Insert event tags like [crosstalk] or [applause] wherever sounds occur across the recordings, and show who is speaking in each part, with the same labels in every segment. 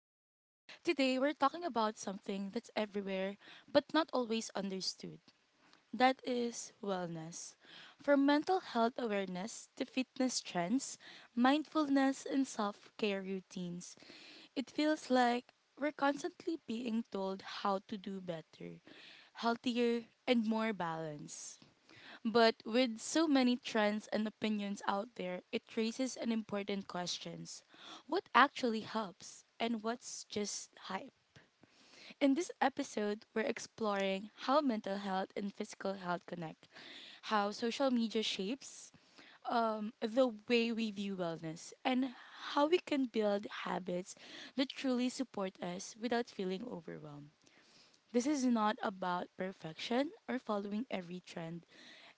Speaker 1: Today, we're talking about something that's everywhere but not always understood. That is wellness. From mental health awareness to fitness trends, mindfulness, and self care routines, it feels like we're constantly being told how to do better, healthier, and more balanced. But with so many trends and opinions out there, it raises an important questions. What actually helps and what's just hype? In this episode, we're exploring how mental health and physical health connect, how social media shapes the way we view wellness, and how we can build habits that truly support us without feeling overwhelmed. This is not about perfection or following every trend.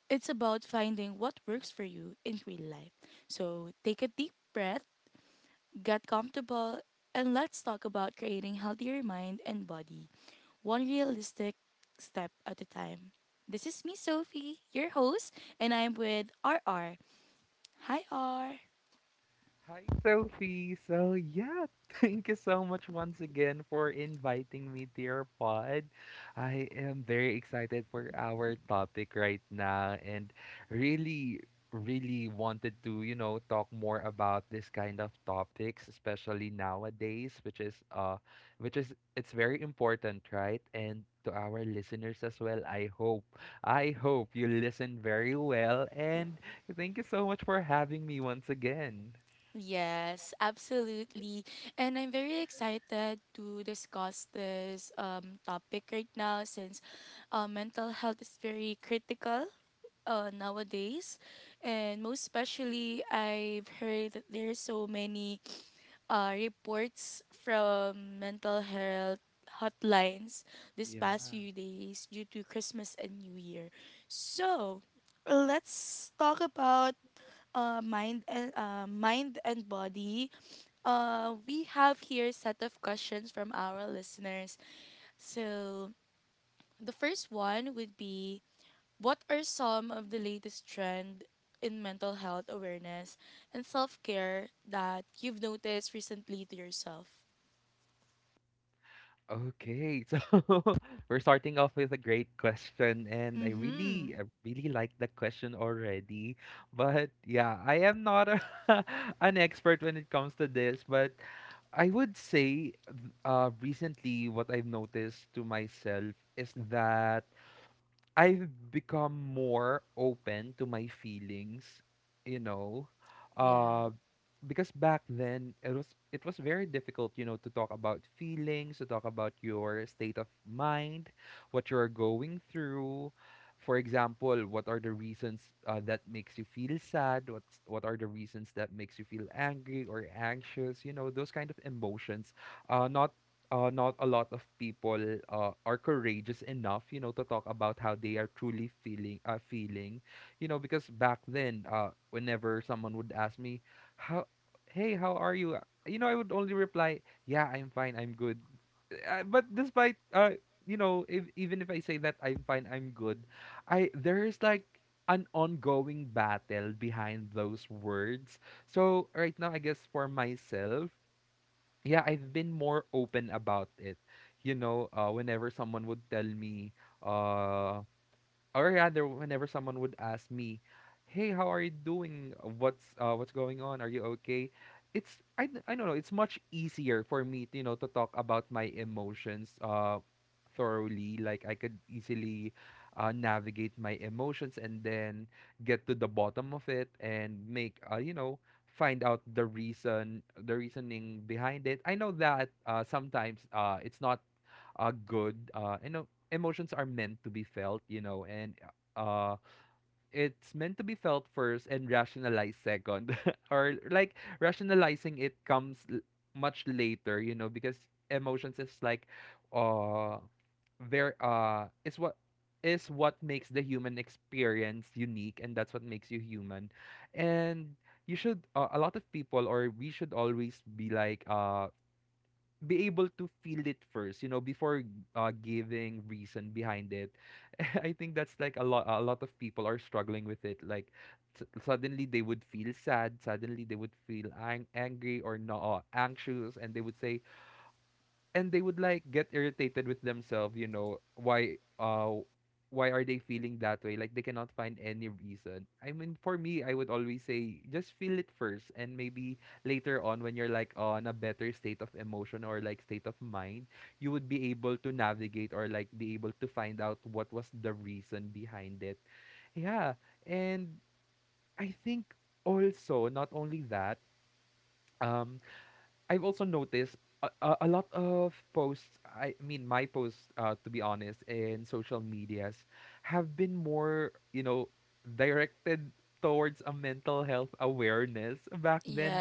Speaker 1: It's about finding what works for you in real life. So take a deep breath, get comfortable, and let's talk about creating healthier mind and body, one realistic step at a time. This is me, Sophie, your host, and I'm with R R. Hi, R.
Speaker 2: Hi, Sophie. So, yeah, [laughs] thank you so much once again for inviting me to your pod. I am very excited for our topic right now and really, really wanted to, you know, talk more about this kind of topics, especially nowadays, which is, it's very important, right? And to our listeners as well, I hope you listen very well. And thank you so much for having me once again.
Speaker 1: Yes, absolutely. And I'm very excited to discuss this topic right now, since mental health is very critical nowadays, and most especially I've heard that there's so many reports from mental health hotlines this
Speaker 2: Yeah.
Speaker 1: past few days due to Christmas and New Year. So let's talk about mind and body. We have here a set of questions from our listeners. So the first one would be, what are some of the latest trend in mental health awareness and self-care that you've noticed recently to yourself?
Speaker 2: Okay. [laughs] So we're starting off with a great question, and
Speaker 1: Mm-hmm.
Speaker 2: I really like the question already. But yeah, I am not a, [laughs] an expert when it comes to this, but I would say recently what I've noticed to myself is that I've become more open to my feelings, you know.
Speaker 1: Yeah.
Speaker 2: uh. Because back then it was very difficult, you know, to talk about feelings, to talk about your state of mind, what you're going through. For example, what are the reasons that makes you feel sad, what are the reasons that makes you feel angry or anxious, you know, those kind of emotions. uh not Not a lot of people are courageous enough, you know, to talk about how they are truly feeling, you know. Because back then, whenever someone would ask me, how hey, how are you? You know, I would only reply, yeah, I'm fine, I'm good. But despite, you know, if, even if I say that I'm fine, I'm good, I there's like an ongoing battle behind those words. So right now, I guess for myself, yeah, I've been more open about it. You know, whenever someone would tell me, uh, or rather whenever someone would ask me, hey how are you doing, what's going on, are you okay? I don't know, it's much easier for me to, you know, to talk about my emotions thoroughly. Like I could easily navigate my emotions and then get to the bottom of it and make, you know, find out the reasoning behind it. I know that, sometimes it's not good. You know, emotions are meant to be felt, you know, and uh, it's meant to be felt first and rationalized second. [laughs] or like rationalizing it comes much later, you know, because emotions is like, uh, it's what is what makes the human experience unique, and that's what makes you human. And you should, a lot of people, or we should always be like, be able to feel it first, you know, before giving reason behind it. [laughs] I think that's like a lot. A lot of people are struggling with it. Like, suddenly they would feel sad. Suddenly they would feel angry or no anxious, and they would like get irritated with themselves, you know. Why are they feeling that way, like they cannot find any reason? I mean, for me, I would always say just feel it first, and maybe later on when you're like on a better state of emotion or like state of mind, you would be able to navigate or like be able to find out what was the reason behind it. Yeah. And I think also, not only that, um I've also noticed a lot of posts, I mean, my posts, to be honest, in social medias have been more, you know, directed towards a mental health awareness. Back then,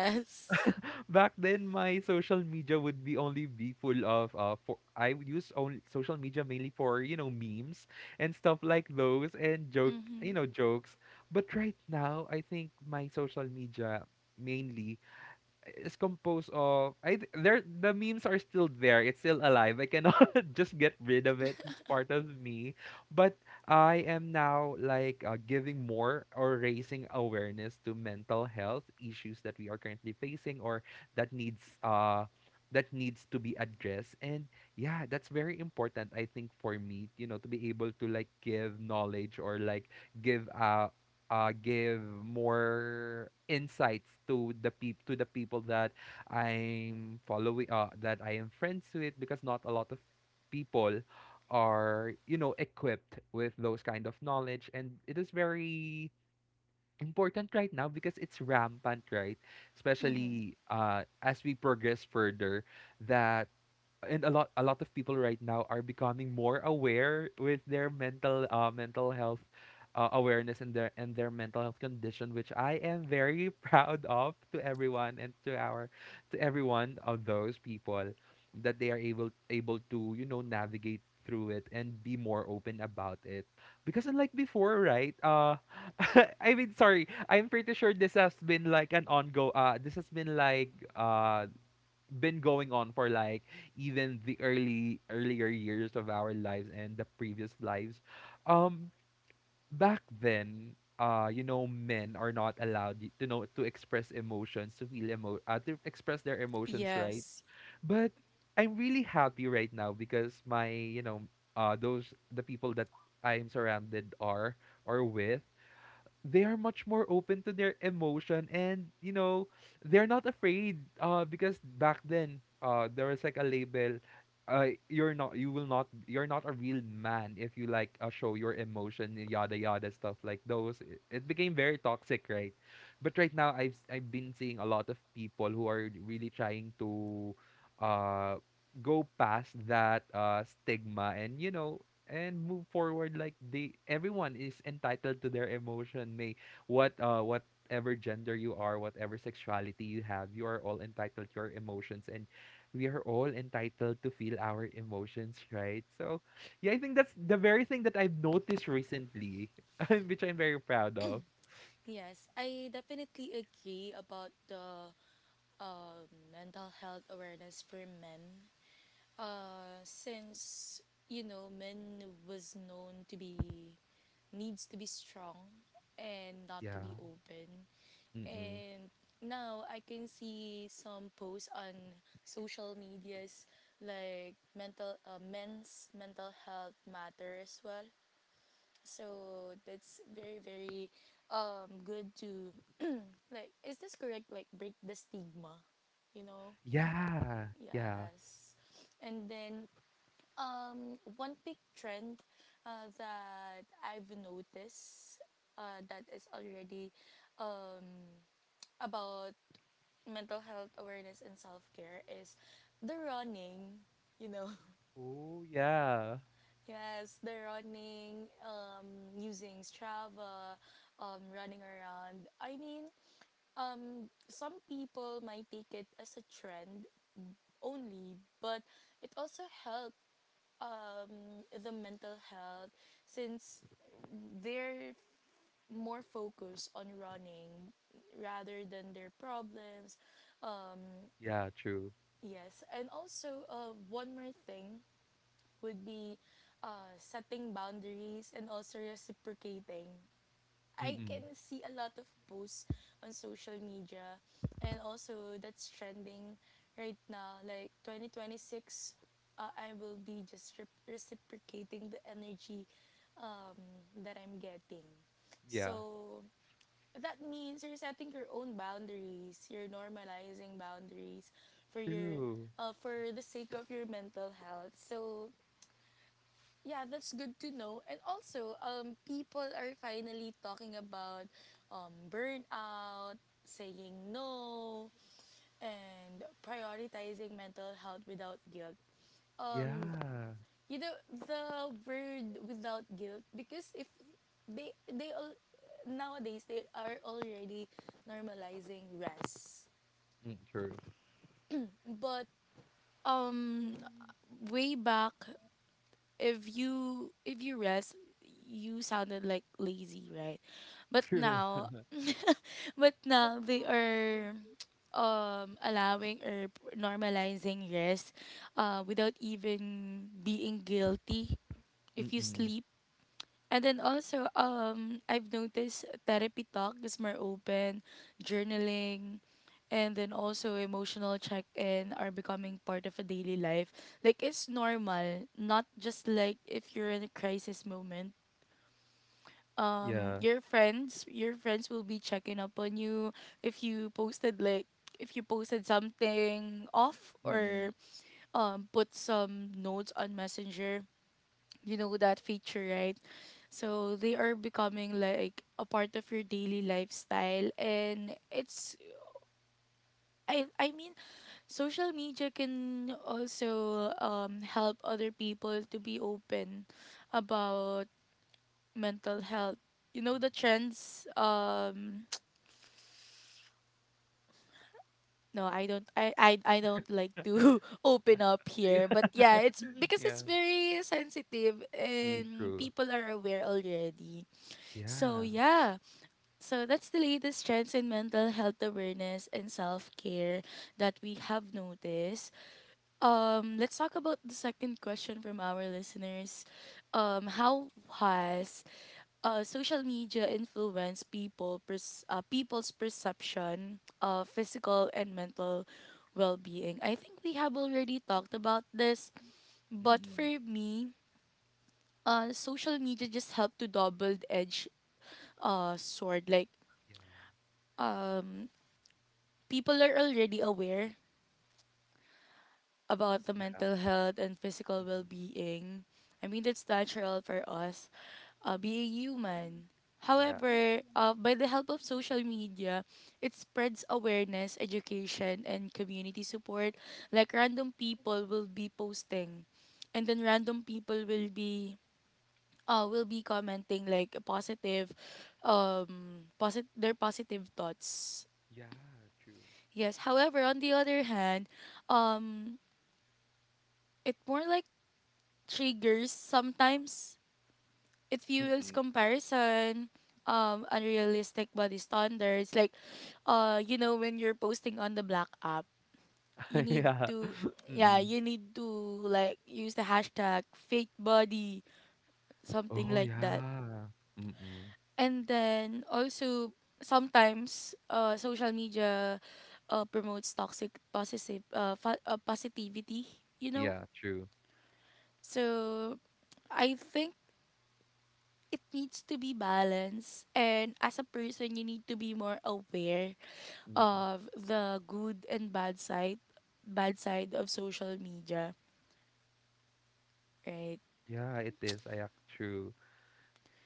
Speaker 2: [laughs] back then, my social media would be only be full of, I would use only social media mainly for, you know, memes and stuff like those and
Speaker 1: Mhm.
Speaker 2: you know, jokes. But right now, I think my social media mainly is composed of there the memes are still there. It's still alive. I cannot [laughs] just get rid of it. It's part of me. But I am now like, giving more or raising awareness to mental health issues that we are currently facing, or that needs uh that needs to be addressed. And yeah, that's very important, I think, for me, you know, to be able to like give knowledge, or like give give more insights to the peop to the people that I'm following, that I am friends with, because not a lot of people are, you know, equipped with those kind of knowledge. And it is very important right now because it's rampant, right?
Speaker 1: Mhm.
Speaker 2: Especially as we progress further, that. And a lot of people right now are becoming more aware with their mental health, awareness, and their mental health condition, which I am very [laughs] proud of, to everyone, and to our to everyone of those people, that they are able to, you know, navigate through it and be more open about it. Because unlike before, right? [laughs] I mean, sorry. I'm pretty sure this has been like an ongo this has been like, been going on for like even the early earlier years of our lives and the previous lives. um Back then, you know, men are not allowed to express emotions, to feel emo to express their emotions, right?
Speaker 1: Yes.
Speaker 2: But I'm really happy right now because my, you know, those the people that I'm surrounded are or with, they are much more open to their emotion. And you know, they're not afraid. Because back then, there was like a label, you're not, you're not a real man if you like, show your emotion, yada yada, stuff like those. It became very toxic, right? But right now, I've been seeing a lot of people who are really trying to uh go past that stigma, and you know, and move forward. Like they everyone is entitled to their emotion. May what Whatever gender you are, whatever sexuality you have, you are all entitled to your emotions, and we are all entitled to feel our emotions, right? So yeah, I think that's the very thing that I've noticed recently, [laughs] which I'm very proud of.
Speaker 1: Yes, I definitely agree about the mental health awareness for men. Since, you know, men was known to be needs to be strong and not
Speaker 2: Yeah.
Speaker 1: to be open.
Speaker 2: Mm-mm.
Speaker 1: And now I can see some posts on social medias like mental men's mental health matter as well. So that's very very good to, [clears throat] like, is this correct, like, break the stigma, you know?
Speaker 2: Yeah. Yeah.
Speaker 1: Yes. And then one big trend that I've noticed uh, that is already um about mental health awareness and self care is the running, you know. [laughs]
Speaker 2: Oh yeah.
Speaker 1: Yes, the running, using Strava, running around. I mean, some people might take it as a trend only, but it also help the mental health, since they're more focused on running rather than their problems.
Speaker 2: Yeah. True.
Speaker 1: Yes, and also one more thing would be setting boundaries and also reciprocating. I
Speaker 2: Mm-mm.
Speaker 1: can see a lot of posts on social media, and also that's trending right now. Like 2026, I will be just reciprocating the energy um, that I'm getting.
Speaker 2: Yeah.
Speaker 1: So that means you're setting your own boundaries, you're normalizing boundaries for your
Speaker 2: True.
Speaker 1: for the sake of your mental health. So yeah, that's good to know. And also, people are finally talking about burnout, saying no, and prioritizing mental health without guilt. Um,
Speaker 2: Yeah.
Speaker 1: you know the word without guilt, because if they all nowadays they are already normalizing rest,
Speaker 2: Mm, true.
Speaker 1: but um way back, if you rest, you sounded like lazy, right?
Speaker 2: [laughs]
Speaker 1: But
Speaker 2: True.
Speaker 1: now [laughs] but now they are allowing or normalizing rest without even being guilty if you
Speaker 2: Mm-mm.
Speaker 1: sleep. And then also, I've noticed therapy talk is more open, journaling, and then also emotional check-in are becoming part of a daily life. Like it's normal, not just like if you're in a crisis moment.
Speaker 2: Yeah.
Speaker 1: Your friends will be checking up on you if you posted like if you posted something off,
Speaker 2: Mm-mm.
Speaker 1: or put some notes on Messenger, you know that feature, right? So they are becoming like a part of your daily lifestyle, and it's I mean, social media can also help other people to be open about mental health, you know,
Speaker 2: Mm.
Speaker 1: the
Speaker 2: [laughs]
Speaker 1: trends. [tsk] No, I don't like to [laughs] open up here, but
Speaker 2: Yeah.
Speaker 1: yeah, it's because
Speaker 2: Yeah.
Speaker 1: it's very sensitive
Speaker 2: Mm.
Speaker 1: and
Speaker 2: True.
Speaker 1: people are aware already. So
Speaker 2: Yeah.
Speaker 1: yeah. So that's the latest trends in mental health awareness and self-care that we have noticed. Let's talk about the second question from our listeners. How has social media influence people pers- people's perception of physical and mental well-being. I think we have already talked about this, but
Speaker 2: Mm-mm.
Speaker 1: for me, social media just helped to double-edge sword. Like,
Speaker 2: Yeah.
Speaker 1: um, people are already aware about the
Speaker 2: Yeah.
Speaker 1: mental health and physical
Speaker 2: Mm-mm.
Speaker 1: well-being. I mean, that's natural for us, being human.
Speaker 2: Yeah.
Speaker 1: However, by the help of social media, it spreads awareness, education, and community support. Like random people will be posting, and then random people will be commenting like positive, their positive thoughts.
Speaker 2: Yeah. True.
Speaker 1: Yes. However, on the other hand, um it more like triggers sometimes, it fuels
Speaker 2: Mm-mm.
Speaker 1: comparison, unrealistic body standards, like you know, when you're posting on the black app, you
Speaker 2: [laughs]
Speaker 1: need
Speaker 2: Yeah.
Speaker 1: to, yeah,
Speaker 2: Mm-mm.
Speaker 1: you need to, like, use the hashtag fake body, something
Speaker 2: Oh
Speaker 1: like that.
Speaker 2: yeah. Mm-mm.
Speaker 1: And then also, sometimes social media promotes toxic positivity, you know.
Speaker 2: Yeah. True.
Speaker 1: So I think it needs to be balanced, and as a person, you need to be more aware
Speaker 2: Mm-mm.
Speaker 1: of the good and bad side of social media, right?
Speaker 2: Yeah. It is. I act true.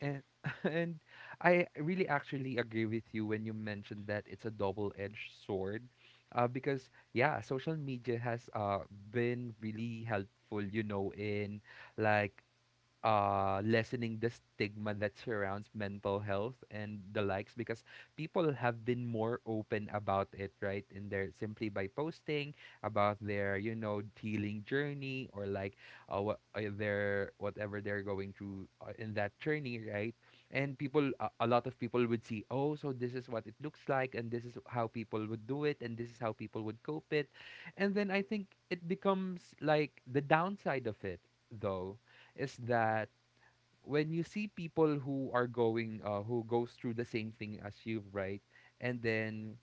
Speaker 2: And [laughs] and I really actually agree with you when you mentioned that it's a double-edged sword, because yeah, social media has been really helpful, you know, in like lessening the stigma that surrounds mental health and the likes, because people have been more open about it, right? And they're simply by posting about their, you know, healing journey, or like, what their whatever they're going through in that journey, right? And people a lot of people would see, oh, so this is what it looks like, and this is how people would do it, and this is how people would cope it. And then I think it becomes like the downside of it, though, is that when you see people who are going who goes through the same thing as you, right? And then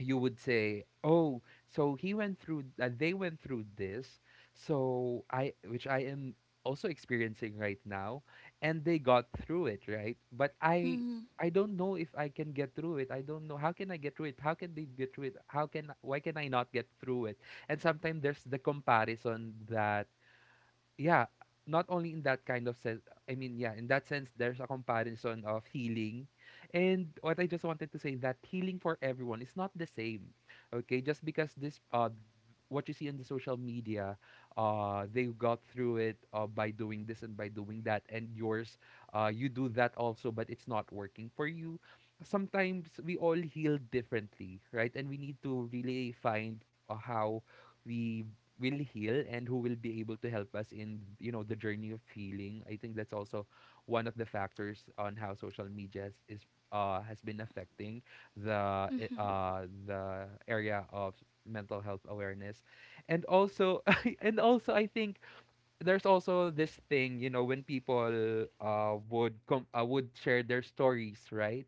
Speaker 2: you would say, oh, so he went through they went through this, so I which I am also experiencing right now, and they got through it, right? but i
Speaker 1: Mm-hmm.
Speaker 2: i don't know if I can get through it, I don't know how can I get through it, how can they get through it, how can, why can I not get through it. And sometimes there's the comparison that, yeah, not only in that kind of sense, I mean, yeah, in that sense, there's a comparison of healing. And what I just wanted to say that healing for everyone is not the same. Okay, just because this what you see in the social media, they got through it by doing this and by doing that, and yours, you do that also, but it's not working for you. Sometimes we all heal differently, right? And we need to really find how we will heal and who will be able to help us in the journey of healing. I think that's also one of the factors on how social media is has been affecting the
Speaker 1: Mm-hmm.
Speaker 2: the area of mental health awareness and also [laughs] and also I think there's also this thing, you know, when people would come, would share their stories, right?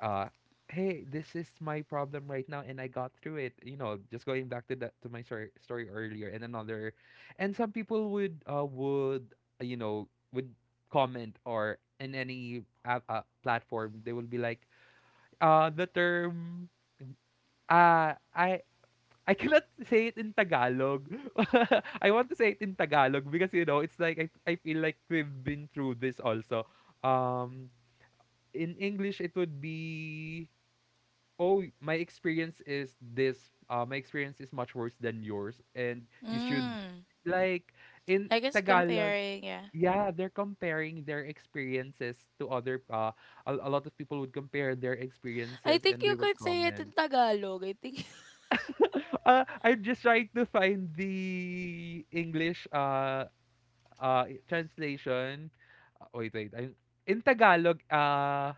Speaker 2: uh Hey, this is my problem right now and I got through it, you know, just going back to that, to my story earlier. And another and some people would would comment or in any app, platform they will be like the term uh i I cannot say it in Tagalog. [laughs] I want to say it in Tagalog because, you know, it's like I feel like we've been through this also. Um, in English it would be, oh, my experience is this, my experience is much worse than yours and you should,
Speaker 1: Mm.
Speaker 2: like, in
Speaker 1: I guess
Speaker 2: Tagalog.
Speaker 1: comparing, yeah.
Speaker 2: Yeah, they're comparing their experiences to other, a lot of people would compare their
Speaker 1: I
Speaker 2: experiences
Speaker 1: think
Speaker 2: and they
Speaker 1: you
Speaker 2: would
Speaker 1: could say it in
Speaker 2: comment.
Speaker 1: Tagalog. I think.
Speaker 2: [laughs] I'm just trying to find the English translation. Wait, I in Tagalog,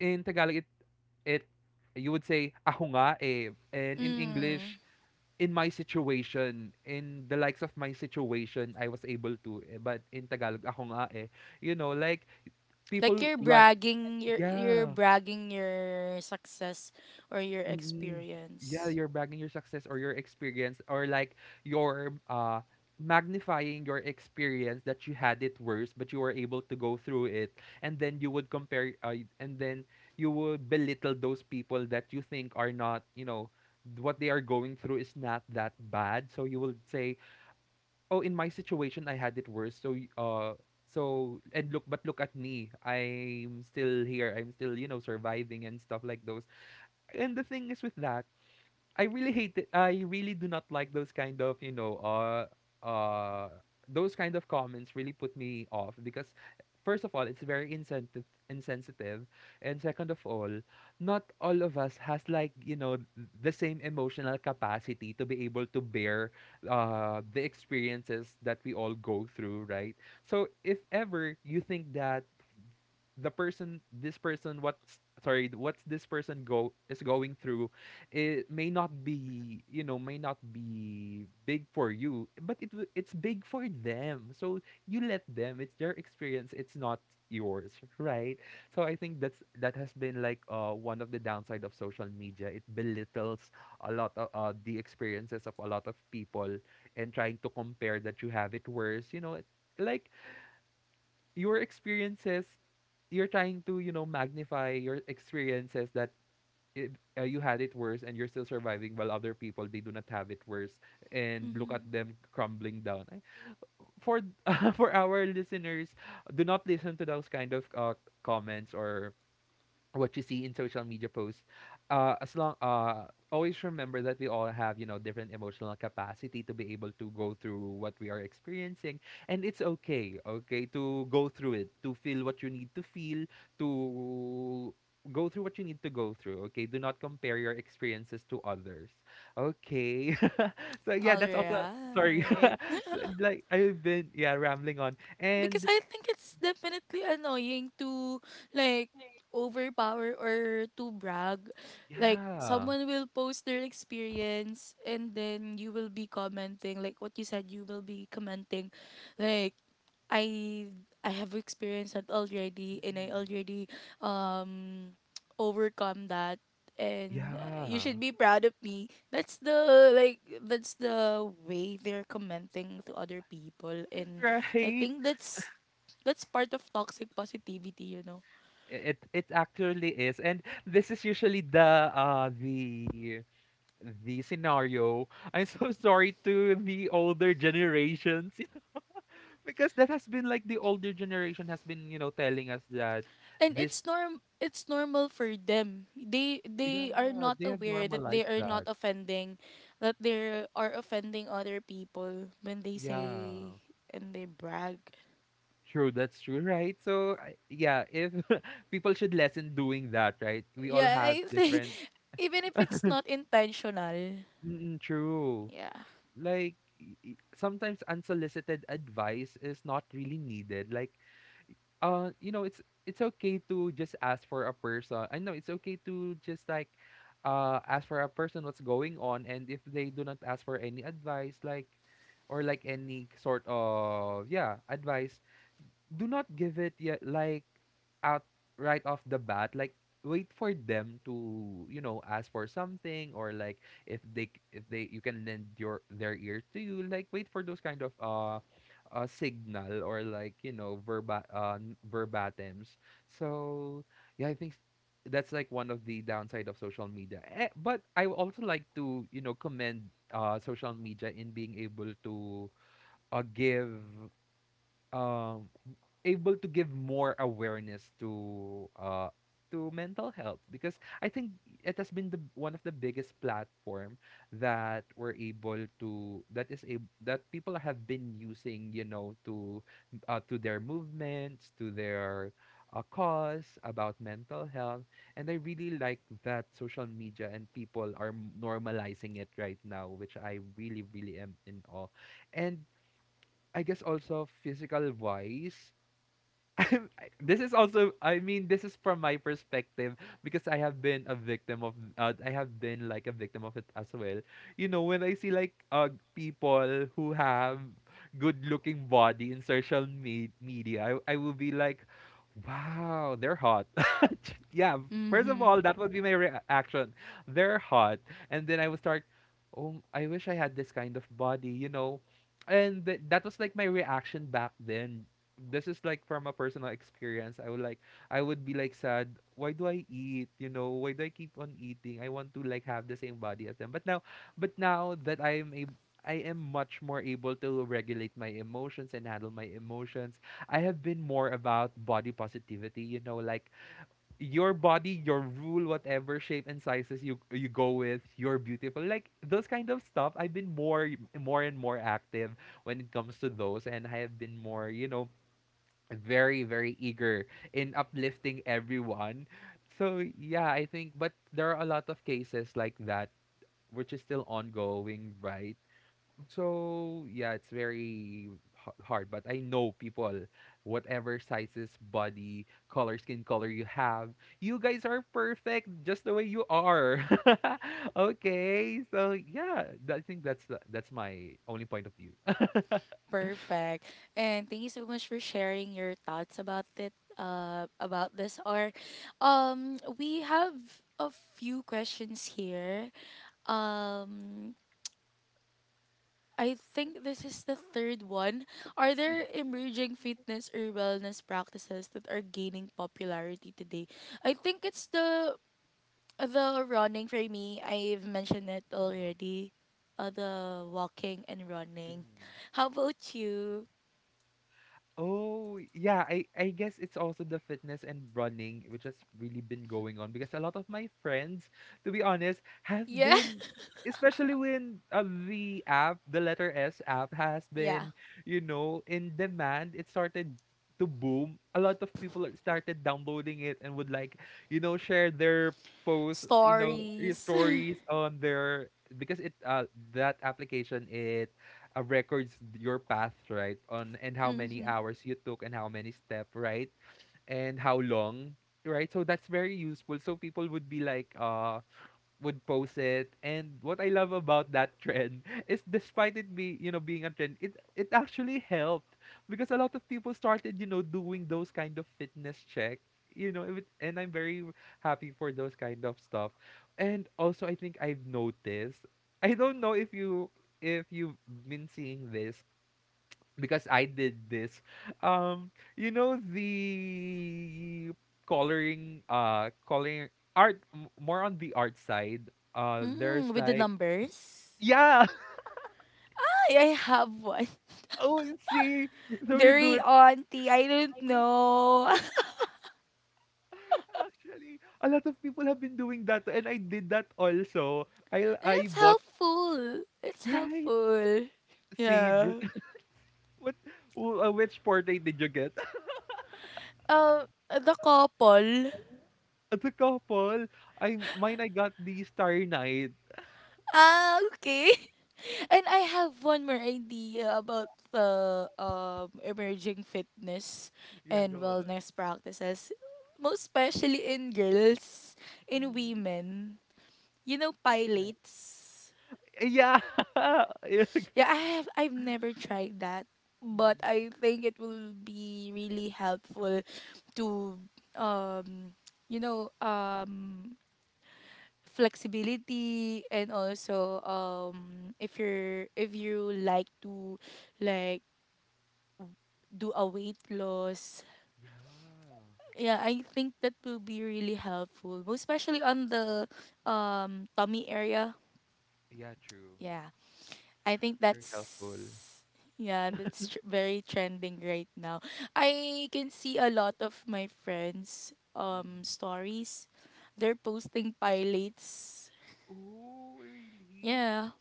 Speaker 2: in Tagalog it, it, you would say ako nga eh,
Speaker 1: [laughs]
Speaker 2: and in
Speaker 1: Mm.
Speaker 2: English, in my situation, in the likes of my situation, I was able to. But in Tagalog, ako nga eh. You know, like,
Speaker 1: Like
Speaker 2: people
Speaker 1: you're
Speaker 2: like,
Speaker 1: bragging, you're
Speaker 2: yeah,
Speaker 1: bragging your success or your
Speaker 2: mm,
Speaker 1: experience.
Speaker 2: yeah, you're bragging your success or your experience, or like your, magnifying your experience that you had it worse but you were able to go through it. And then you would compare, and then you would belittle those people that you think are not, you know, what they are going through is not that bad, so you will say, oh, in my situation I had it worse, so so, and look, but look at me, I'm still here, I'm still, you know, surviving and stuff like those. And the thing is with that, I really hate it. I really do not like those kind of, you know, uh those kind of comments really put me off, because first of all, it's very insensitive. insensitive and second of all, not all of us has, like, you know, the same emotional capacity to be able to bear the experiences that we all go through, right? So if ever you think that the person this person what's sorry, what's this person go is going through, it may not be, you know, may not be big for you, but it's big for them. So you let them, it's their experience, it's not yours, right? So I think that's that has been like one of the downside of social media. It belittles a lot of the experiences of a lot of people, and trying to compare that you have it worse, you know, it, like your experiences, you're trying to, you know, magnify your experiences that it, you had it worse and you're still surviving while other people, they do not have it worse, and look
Speaker 1: Mm-hmm.
Speaker 2: at them crumbling down. For [laughs] for our listeners, do not listen to those kind of, comments or what you see in social media posts. As long Always remember that we all have, you know, different emotional capacity to be able to go through what we are experiencing, and it's okay, okay to go through it, to feel what you need to feel, to go through what you need to go through. Okay, do not compare your experiences to others, okay? [laughs] So yeah,
Speaker 1: All
Speaker 2: that's also, sorry,
Speaker 1: right.
Speaker 2: [laughs] so, like, I've been, yeah, rambling on.
Speaker 1: Because
Speaker 2: And
Speaker 1: I think it's definitely annoying to, like, overpower or to brag. Like
Speaker 2: yeah.
Speaker 1: someone will post their experience, and then you will be commenting like what you said, you will be commenting like, I I have experienced that already, and I
Speaker 2: Mm.
Speaker 1: already um [tsk] overcome that, and you
Speaker 2: Yeah.
Speaker 1: should be proud of me. That's the, like, that's the way they're commenting to other people. And I
Speaker 2: Right.
Speaker 1: think that's part of toxic positivity, you know.
Speaker 2: It actually is. And this is usually the scenario. I'm so [laughs] sorry to the older generations, you know, because that has been like the older generation has been, you know, telling us that
Speaker 1: And
Speaker 2: this,
Speaker 1: it's normal for them, they are
Speaker 2: yeah,
Speaker 1: not
Speaker 2: they have
Speaker 1: aware that they
Speaker 2: normalized
Speaker 1: are not
Speaker 2: that.
Speaker 1: offending, that they are offending other people when they
Speaker 2: Yeah.
Speaker 1: say and they brag.
Speaker 2: True, that's true, right? So I- yeah, if [laughs] people should lessen doing that, right? We all
Speaker 1: Yeah,
Speaker 2: have
Speaker 1: I think,
Speaker 2: different.
Speaker 1: [laughs] even if
Speaker 2: [laughs]
Speaker 1: it's not intentional.
Speaker 2: Mm, true.
Speaker 1: Yeah.
Speaker 2: Like, sometimes unsolicited advice is not really needed, like, you know, it's okay to just ask for a person. I know it's okay to just, like, ask for a person what's going on, and if they do not ask for any advice, like, or like any sort of, yeah, advice, do not give it yet, like, out, right off the bat. Like, wait for them to, you know, ask for something, or like, if they, you can lend your their ear to you, like wait for those kind of signal, or like, you know, verbatims. So yeah, I think that's like one of the downside of social media, eh, but I would also like to, you know, commend social media in being able to give um able to give more awareness to mental health, because I think it has been the one of the biggest platform that we're able to, that is a that people have been using, you know, to their movements, to their cause about mental health. And I really like that social media and people are normalizing it right now, which I really really am in awe. And I guess also physical wise, this is also, I mean, this is from my perspective, because I have been a victim of, I have been like a victim of it as well. You know, when I see like people who have good looking body in media, I will be like, wow, they're hot. [laughs] Yeah, first of
Speaker 1: Mm-hmm.
Speaker 2: all that would be my reaction. They're hot. And then I would start, oh, I wish I had this kind of body, you know. And that was like my reaction back then. This is like from a personal experience. I would like, I would be like sad. Why do I eat? You know, why do I keep on eating? I want to like have the same body as them. But now that I am much more able to regulate my emotions and handle my emotions. I have been more about body positivity, you know, like your body, your rule, whatever shape and sizes you go with, you're beautiful. Like those kind of stuff. I've been more, more and more active when it comes to those, and I have been more, you know, very eager in uplifting everyone. So yeah, I think, but there are a lot of cases like that, which is still ongoing, right? So yeah, it's very hard, but I know people, whatever sizes, body color, skin color you have, you guys are perfect just the way you are. [laughs] Okay, so yeah, I think that's the, that's my only point of view. [laughs]
Speaker 1: Perfect. And thank you so much for sharing your thoughts about it, about this or we have a few questions here. um I think this is the third one. Are
Speaker 2: Mm.
Speaker 1: there
Speaker 2: Yeah.
Speaker 1: emerging fitness or wellness practices that are gaining popularity today? I think it's the running for me. I've mentioned it already. The walking and running.
Speaker 2: Mhm.
Speaker 1: How about you?
Speaker 2: Oh, yeah, I guess it's also the fitness and running which has really been going on, because a lot of my friends, to be honest, have
Speaker 1: Yeah. [laughs]
Speaker 2: been, especially when, the app, the letter S app has
Speaker 1: Yeah.
Speaker 2: been, you know, in demand. It started to boom. A lot of people started downloading it and would like, you know, share their posts, you know, your
Speaker 1: Stories. [laughs]
Speaker 2: stories on their, because it that application it records your path, right? On, and how many
Speaker 1: Mm-hmm.
Speaker 2: hours you took and how many step, right? And how long, right? So that's very useful. So people would be like, would post it, and what I love about that trend [laughs] is despite it be you know, being a trend, it actually helped, because a lot of people started, you know, doing those kind of fitness check, you know, if it, and I'm very happy for those kind of stuff. And also I think I've noticed, I don't know if you, if you've been seeing this, because I did this. Um, you know the coloring, coloring art, more on the art side. There's
Speaker 1: Mm-hmm. With the
Speaker 2: like,
Speaker 1: numbers.
Speaker 2: yeah. [laughs]
Speaker 1: I have one.
Speaker 2: Oh, see,
Speaker 1: [laughs]
Speaker 2: so you do
Speaker 1: Very
Speaker 2: it.
Speaker 1: auntie. I
Speaker 2: I
Speaker 1: don't
Speaker 2: didn't know.
Speaker 1: know. [laughs]
Speaker 2: Actually, a lot of people have been doing that, and I did that also. I
Speaker 1: And
Speaker 2: I
Speaker 1: it's
Speaker 2: bought,
Speaker 1: helpful. It's
Speaker 2: right.
Speaker 1: helpful.
Speaker 2: See this.
Speaker 1: Yeah.
Speaker 2: [laughs] What? Which portrait did you get? [laughs]
Speaker 1: The couple.
Speaker 2: As a couple, I mine. I got the Starry Night.
Speaker 1: Ah, okay. [laughs] And I have one more idea about the emerging fitness
Speaker 2: Yeah,
Speaker 1: and
Speaker 2: go.
Speaker 1: wellness practices, most especially in girls, in
Speaker 2: Mm-hmm.
Speaker 1: women. You know,
Speaker 2: Yeah.
Speaker 1: pilates.
Speaker 2: Yeah. [laughs] Yeah.
Speaker 1: Yeah, I have, I've never tried that, but
Speaker 2: Mm-hmm.
Speaker 1: I think it will be really helpful to um you know um flexibility, and also, um, if you're if you like to, like, do a weight loss,
Speaker 2: Yeah.
Speaker 1: yeah, I think that will be really helpful, most especially on the tummy area.
Speaker 2: Yeah, true.
Speaker 1: Yeah, I think
Speaker 2: Very
Speaker 1: that's,
Speaker 2: helpful.
Speaker 1: yeah, that's very trending right now. I can see a lot of my friends
Speaker 2: Mm-mm.
Speaker 1: stories. They're posting pilots.
Speaker 2: Oh, really?
Speaker 1: Yeah.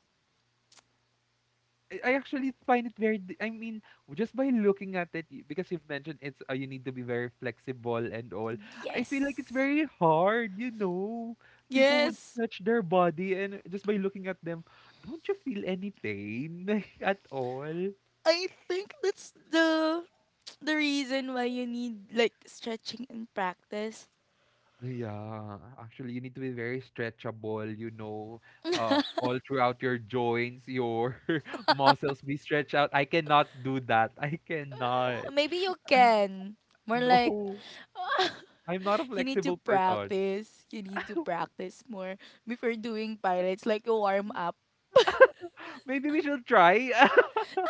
Speaker 2: I actually find it very. I mean, just by looking at it, because you've mentioned it's, you need to be very flexible and all. I feel like it's
Speaker 1: Yes.
Speaker 2: very hard, you know. People would
Speaker 1: Yes.
Speaker 2: stretch their body, and just by looking at them, don't you feel any pain [laughs] at all?
Speaker 1: I think that's the reason why you need like stretching and practice.
Speaker 2: Yeah, actually, you need to be very stretchable, you know, all throughout your joints, your [laughs] muscles be stretched out. I cannot do that. I cannot.
Speaker 1: Maybe you
Speaker 2: [laughs]
Speaker 1: can. More like,
Speaker 2: No, I'm not a
Speaker 1: you need to
Speaker 2: flexible person.
Speaker 1: practice. You need to practice more before doing pilots, like a warm up.
Speaker 2: [laughs] Maybe we should try. [laughs]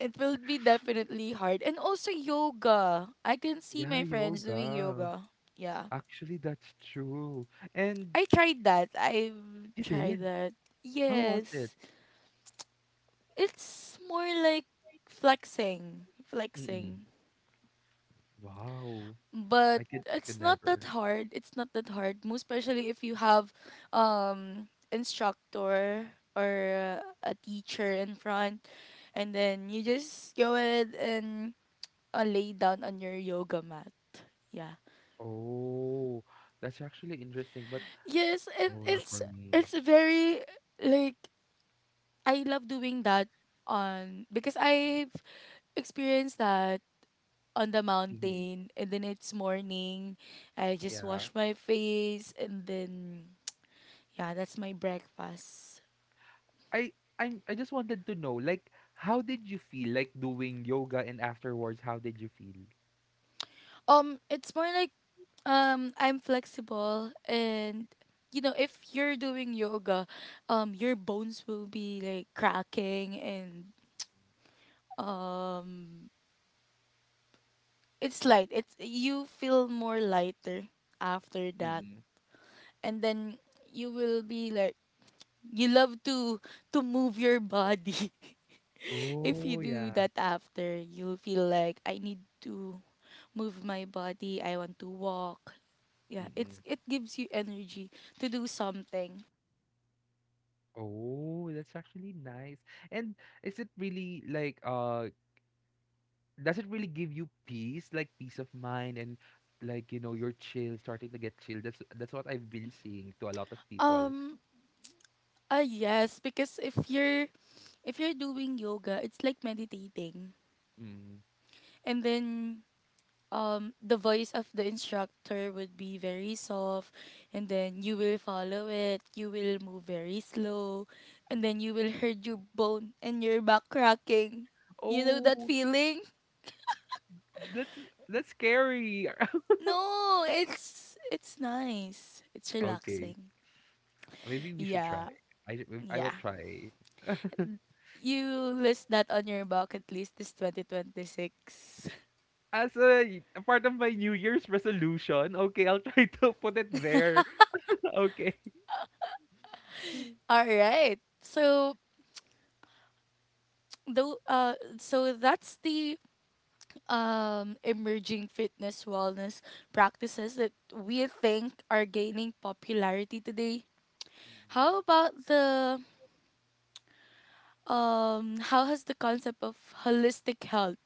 Speaker 1: It will be definitely hard. And also yoga. I can see
Speaker 2: Yeah,
Speaker 1: my friends doing
Speaker 2: yoga.
Speaker 1: yoga. Yeah.
Speaker 2: Actually, that's true. And
Speaker 1: I tried that. I've
Speaker 2: you
Speaker 1: tried
Speaker 2: did?
Speaker 1: that.
Speaker 2: How was it?
Speaker 1: Yes. It's more like flexing.
Speaker 2: Mm-mm.
Speaker 1: Flexing.
Speaker 2: Wow.
Speaker 1: But
Speaker 2: I could
Speaker 1: it's not that
Speaker 2: never. [laughs]
Speaker 1: hard. It's not that hard. Most especially if you have instructor or a teacher in front, and then you just go ahead and lay down on your yoga mat. Yeah.
Speaker 2: Oh, that's actually interesting, but
Speaker 1: Yes, and
Speaker 2: no, not for
Speaker 1: it's
Speaker 2: me.
Speaker 1: it's very, like, I love doing that on, because I've experienced that on the
Speaker 2: Mm-hmm.
Speaker 1: mountain, and then it's morning. I just
Speaker 2: Yeah.
Speaker 1: wash my face, and then yeah, that's my breakfast.
Speaker 2: I I'm I just wanted to know, like, how did you feel, like, doing yoga, and afterwards how did you feel?
Speaker 1: It's more like, I'm flexible, and, you know, if you're doing yoga, your bones will be like cracking, and um it's light. It's, you feel more lighter after that.
Speaker 2: Mm-mm.
Speaker 1: And then you will be like, you love to move your body. [laughs] If you
Speaker 2: Oh
Speaker 1: do
Speaker 2: yeah.
Speaker 1: that after, you'll feel like I need to move my body. I want to walk. Yeah, it's,
Speaker 2: Mm-mm.
Speaker 1: it gives you energy to do something.
Speaker 2: Oh, that's actually nice. And is it really like does it really give you peace, like peace of mind, and like, you know, you're chill, starting to get chill. That's what I've been seeing to a lot of people.
Speaker 1: Um yes, because if you're doing yoga, it's like meditating.
Speaker 2: Mm.
Speaker 1: And then the voice of the instructor would be very soft, and then you will follow it, you will move very slow, and then
Speaker 2: Mm-mm.
Speaker 1: you will hurt your bone and your back cracking, you know that
Speaker 2: Oh,
Speaker 1: feeling?
Speaker 2: that's that's scary. [laughs]
Speaker 1: No, it's nice, it's
Speaker 2: Okay.
Speaker 1: relaxing.
Speaker 2: Maybe we should try.
Speaker 1: Yeah.
Speaker 2: I will
Speaker 1: Yeah,
Speaker 2: try. [laughs]
Speaker 1: you list that on your bucket list this 2026.
Speaker 2: As a part of my New Year's resolution, okay, I'll try [laughs] to put it there. Okay. Mm.
Speaker 1: [laughs] All right, so that's the emerging fitness wellness practices that we think are gaining popularity today. How about the how has the concept of holistic health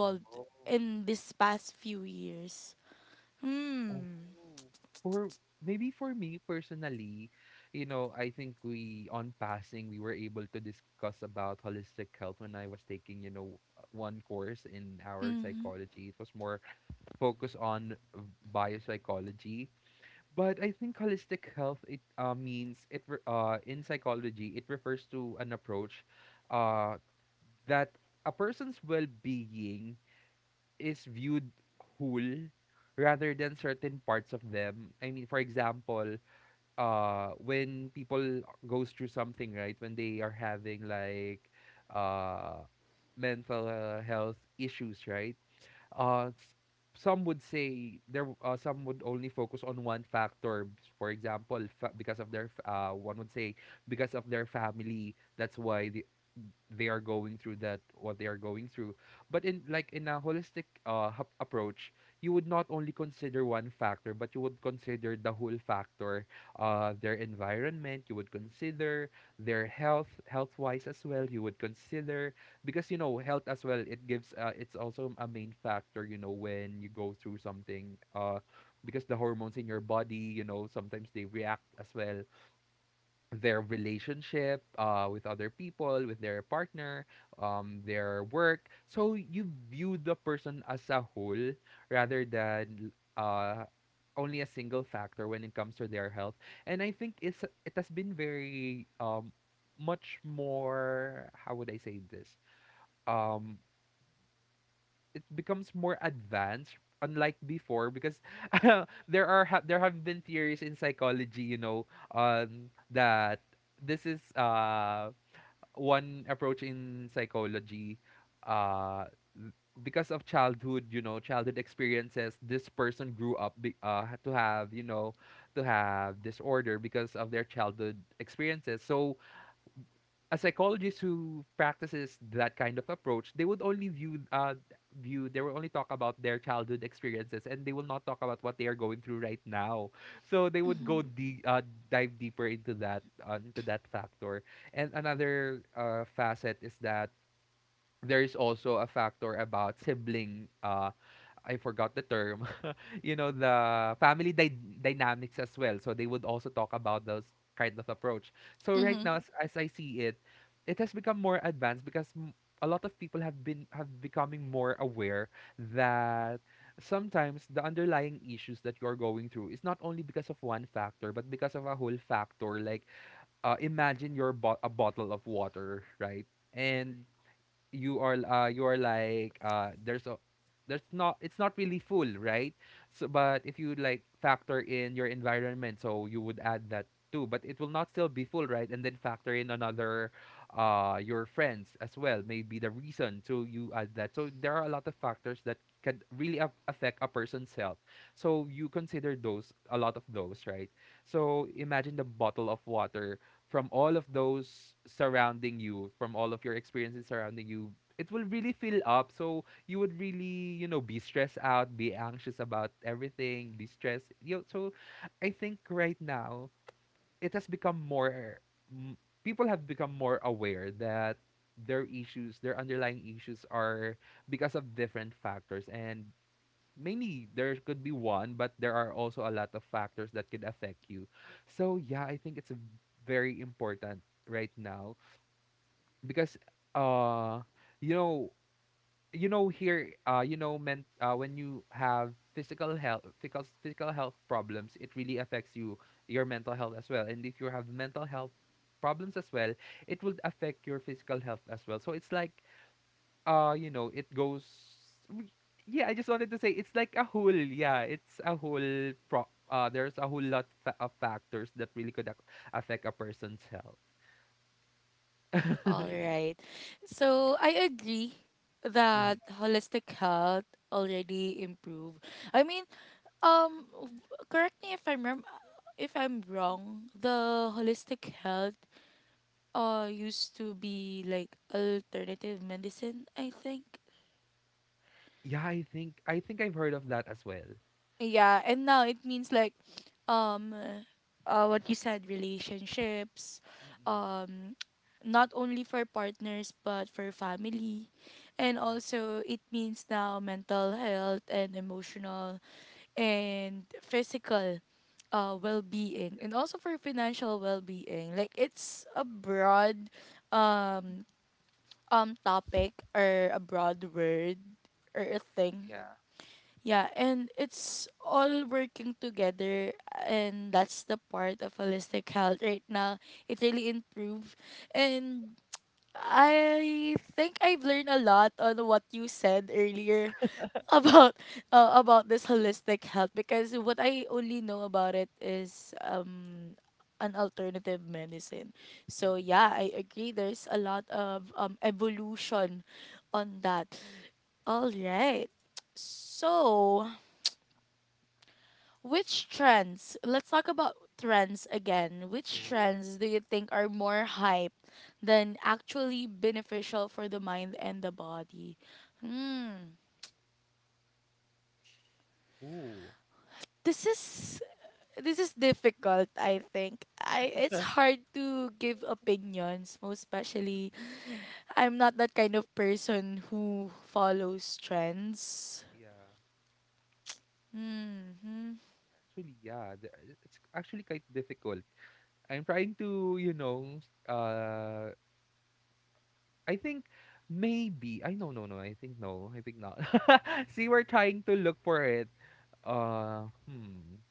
Speaker 2: Oh. Oh,
Speaker 1: in this past few years? Hmm.
Speaker 2: Oh. For maybe for me personally, you know, I think we on passing we were able to discuss about holistic health when I was taking, you know, one course in our
Speaker 1: Mm-hmm.
Speaker 2: psychology. It was more focused on biopsychology. But I think holistic health, it means in psychology it refers to an approach uh, that a person's well-being is viewed whole rather than certain parts of them. I mean, for example, when people goes through something, right? When they are having like uh, mental health issues, right? uh, s- some would say some would only focus on one factor, for example, because of their one would say because of their family, that's why they are going through that what they are going through. But in, like, in a holistic approach, you would not only consider one factor, but you would consider the whole factor. Their environment, you would consider their health, health wise as well, you would consider, because you know, health as well, it's also a main factor, you know, when you go through something. Because the hormones in your body, you know, sometimes they react as well. Their relationship with other people, with their partner, their work. So you view the person as a whole rather than uh, only a single factor when it comes to their health. And I think it has been very much more. How would I say this? Um, it becomes more advanced unlike before because [laughs] there have been theories in psychology, you know, that this is one approach in psychology, uh because of childhood, you know, childhood experiences, this person grew up to have, you know, to have disorder because of their childhood experiences. So a psychologist who practices that kind of approach, they would only view view they will only talk about their childhood experiences, and they will not talk about what they are going through right now. So they would dive deeper into that into that factor. And another facet is that there is also a factor about sibling, I forgot the term, you know, the family dynamics as well, so they would also talk about those kind of approach. So right
Speaker 1: Mm-hmm.
Speaker 2: now, as I see it, it has become more advanced because a lot of people have been, have becoming more aware that sometimes the underlying issues that you're going through is not only because of one factor, but because of a whole factor. Like, imagine your a bottle of water, right? And you are like, there's a there's not it's not really full, right? So, but if you like factor in your environment, so you would add that too, but it will not still be full, right? And then factor in another, your friends as well, maybe the reason, so you add that. So there are a lot of factors that can really affect a person's health. So you consider those, a lot of those, right? So imagine the bottle of water, from all of those surrounding you, from all of your experiences surrounding you, it will really fill up. So you would really, you know, be stressed out, be anxious about everything, be stressed. You know, so I think right now it has become more m- people have become more aware that their issues, their underlying issues are because of different factors, and mainly there could be one, but there are also a lot of factors that could affect you. So yeah, I think it's a very important right now because uh you know, here you know, men when you have physical health, physical health problems, it really affects you your mental health as well. And if you have mental health problems as well, it will affect your physical health as well. So it's like, you know, it goes w- yeah, I just wanted to say it's like a whole, yeah, it's a whole pro there's a whole lot of factors that really could affect a person's health.
Speaker 1: All
Speaker 2: [laughs]
Speaker 1: right. So I agree that
Speaker 2: Mhm.
Speaker 1: holistic health already improve. I mean, correct me if if I'm wrong. The holistic health used to be like alternative medicine, I think.
Speaker 2: Yeah, I think, I've heard of that as well.
Speaker 1: Yeah, and now it means like, um what you said, relationships,
Speaker 2: Mm-mm.
Speaker 1: um [tsk] not only for partners but for family,
Speaker 2: Mm,
Speaker 1: and
Speaker 2: yeah.
Speaker 1: also it means now mental health and emotional and physical well-being, and also for financial well-being. Like, it's a broad um topic, or a broad word, or a thing.
Speaker 2: Yeah.
Speaker 1: Yeah, and it's all working together, and that's the part of holistic health right now. It really improved. And I think I've learned a lot on what you said earlier [laughs] about about this holistic health, because what I only know about it is an alternative medicine. So
Speaker 2: Mm-mm.
Speaker 1: yeah, I agree there's a lot of evolution on that. All right. So, which trends? Let's talk about trends again. Which
Speaker 2: Oh,
Speaker 1: trends do you think are more hype than actually beneficial for the mind and the body?
Speaker 2: oh.
Speaker 1: This is this is difficult, I think. I it's hard to give opinions, most especially
Speaker 2: Mm-mm.
Speaker 1: I'm not that kind of person who follows trends.
Speaker 2: Yeah.
Speaker 1: Hmm.
Speaker 2: Actually, yeah. It's actually quite difficult. I'm trying to, you know, I think maybe I, no, I think no, I think not. [laughs] See, we're trying to look for it. Hmm.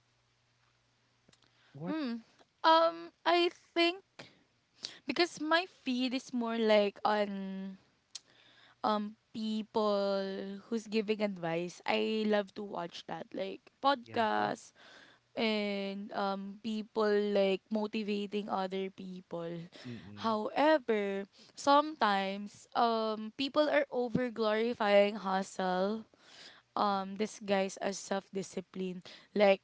Speaker 2: What?
Speaker 1: Hmm. I think, because my feed is more like on people who's giving advice, I love to watch that. Like
Speaker 2: Yeah.
Speaker 1: podcasts, and people like motivating other people.
Speaker 2: Mm-mm.
Speaker 1: However, sometimes people are over glorifying hustle,
Speaker 2: Mm-mm.
Speaker 1: disguised as self discipline. Like,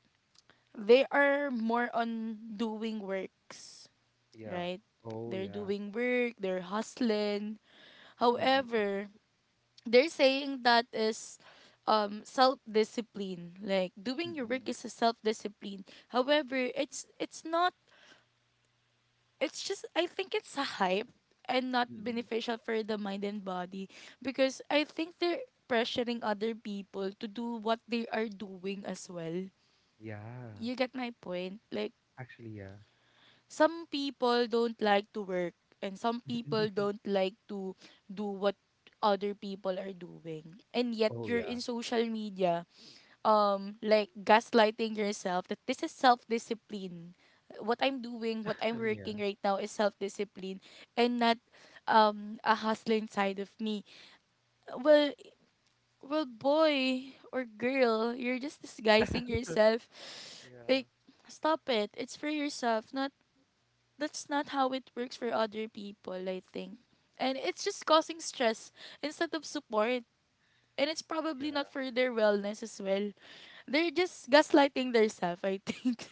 Speaker 1: they are more on doing works,
Speaker 2: Yeah.
Speaker 1: right?
Speaker 2: Oh
Speaker 1: They're
Speaker 2: yeah.
Speaker 1: doing work, they're hustling.
Speaker 2: Mm-mm.
Speaker 1: However, they're saying that is self-discipline. Like, doing your work
Speaker 2: Mm-mm.
Speaker 1: is a self-discipline, however it's not. It's just, I think, it's a hype and not
Speaker 2: Mm-mm.
Speaker 1: beneficial for the mind and body, because I think they're pressuring other people to do what they are doing as well.
Speaker 2: Yeah.
Speaker 1: You get my point? Like,
Speaker 2: Actually, yeah.
Speaker 1: some people don't like to work, and some people
Speaker 2: [laughs]
Speaker 1: don't like to do what other people are doing, and yet
Speaker 2: Oh
Speaker 1: you're
Speaker 2: yeah.
Speaker 1: in social media, like gaslighting yourself that this is self-discipline. What I'm
Speaker 2: [laughs] Yeah.
Speaker 1: working right now is self-discipline, and not a hustling side of me. Well well boy or girl, you're just disguising yourself,
Speaker 2: Yeah.
Speaker 1: like, stop it. It's for yourself. Not, that's not how it works for other people, I think. And it's just causing stress instead of support. And it's probably
Speaker 2: Yeah.
Speaker 1: not for their wellness as well. They're just gaslighting themselves, I think.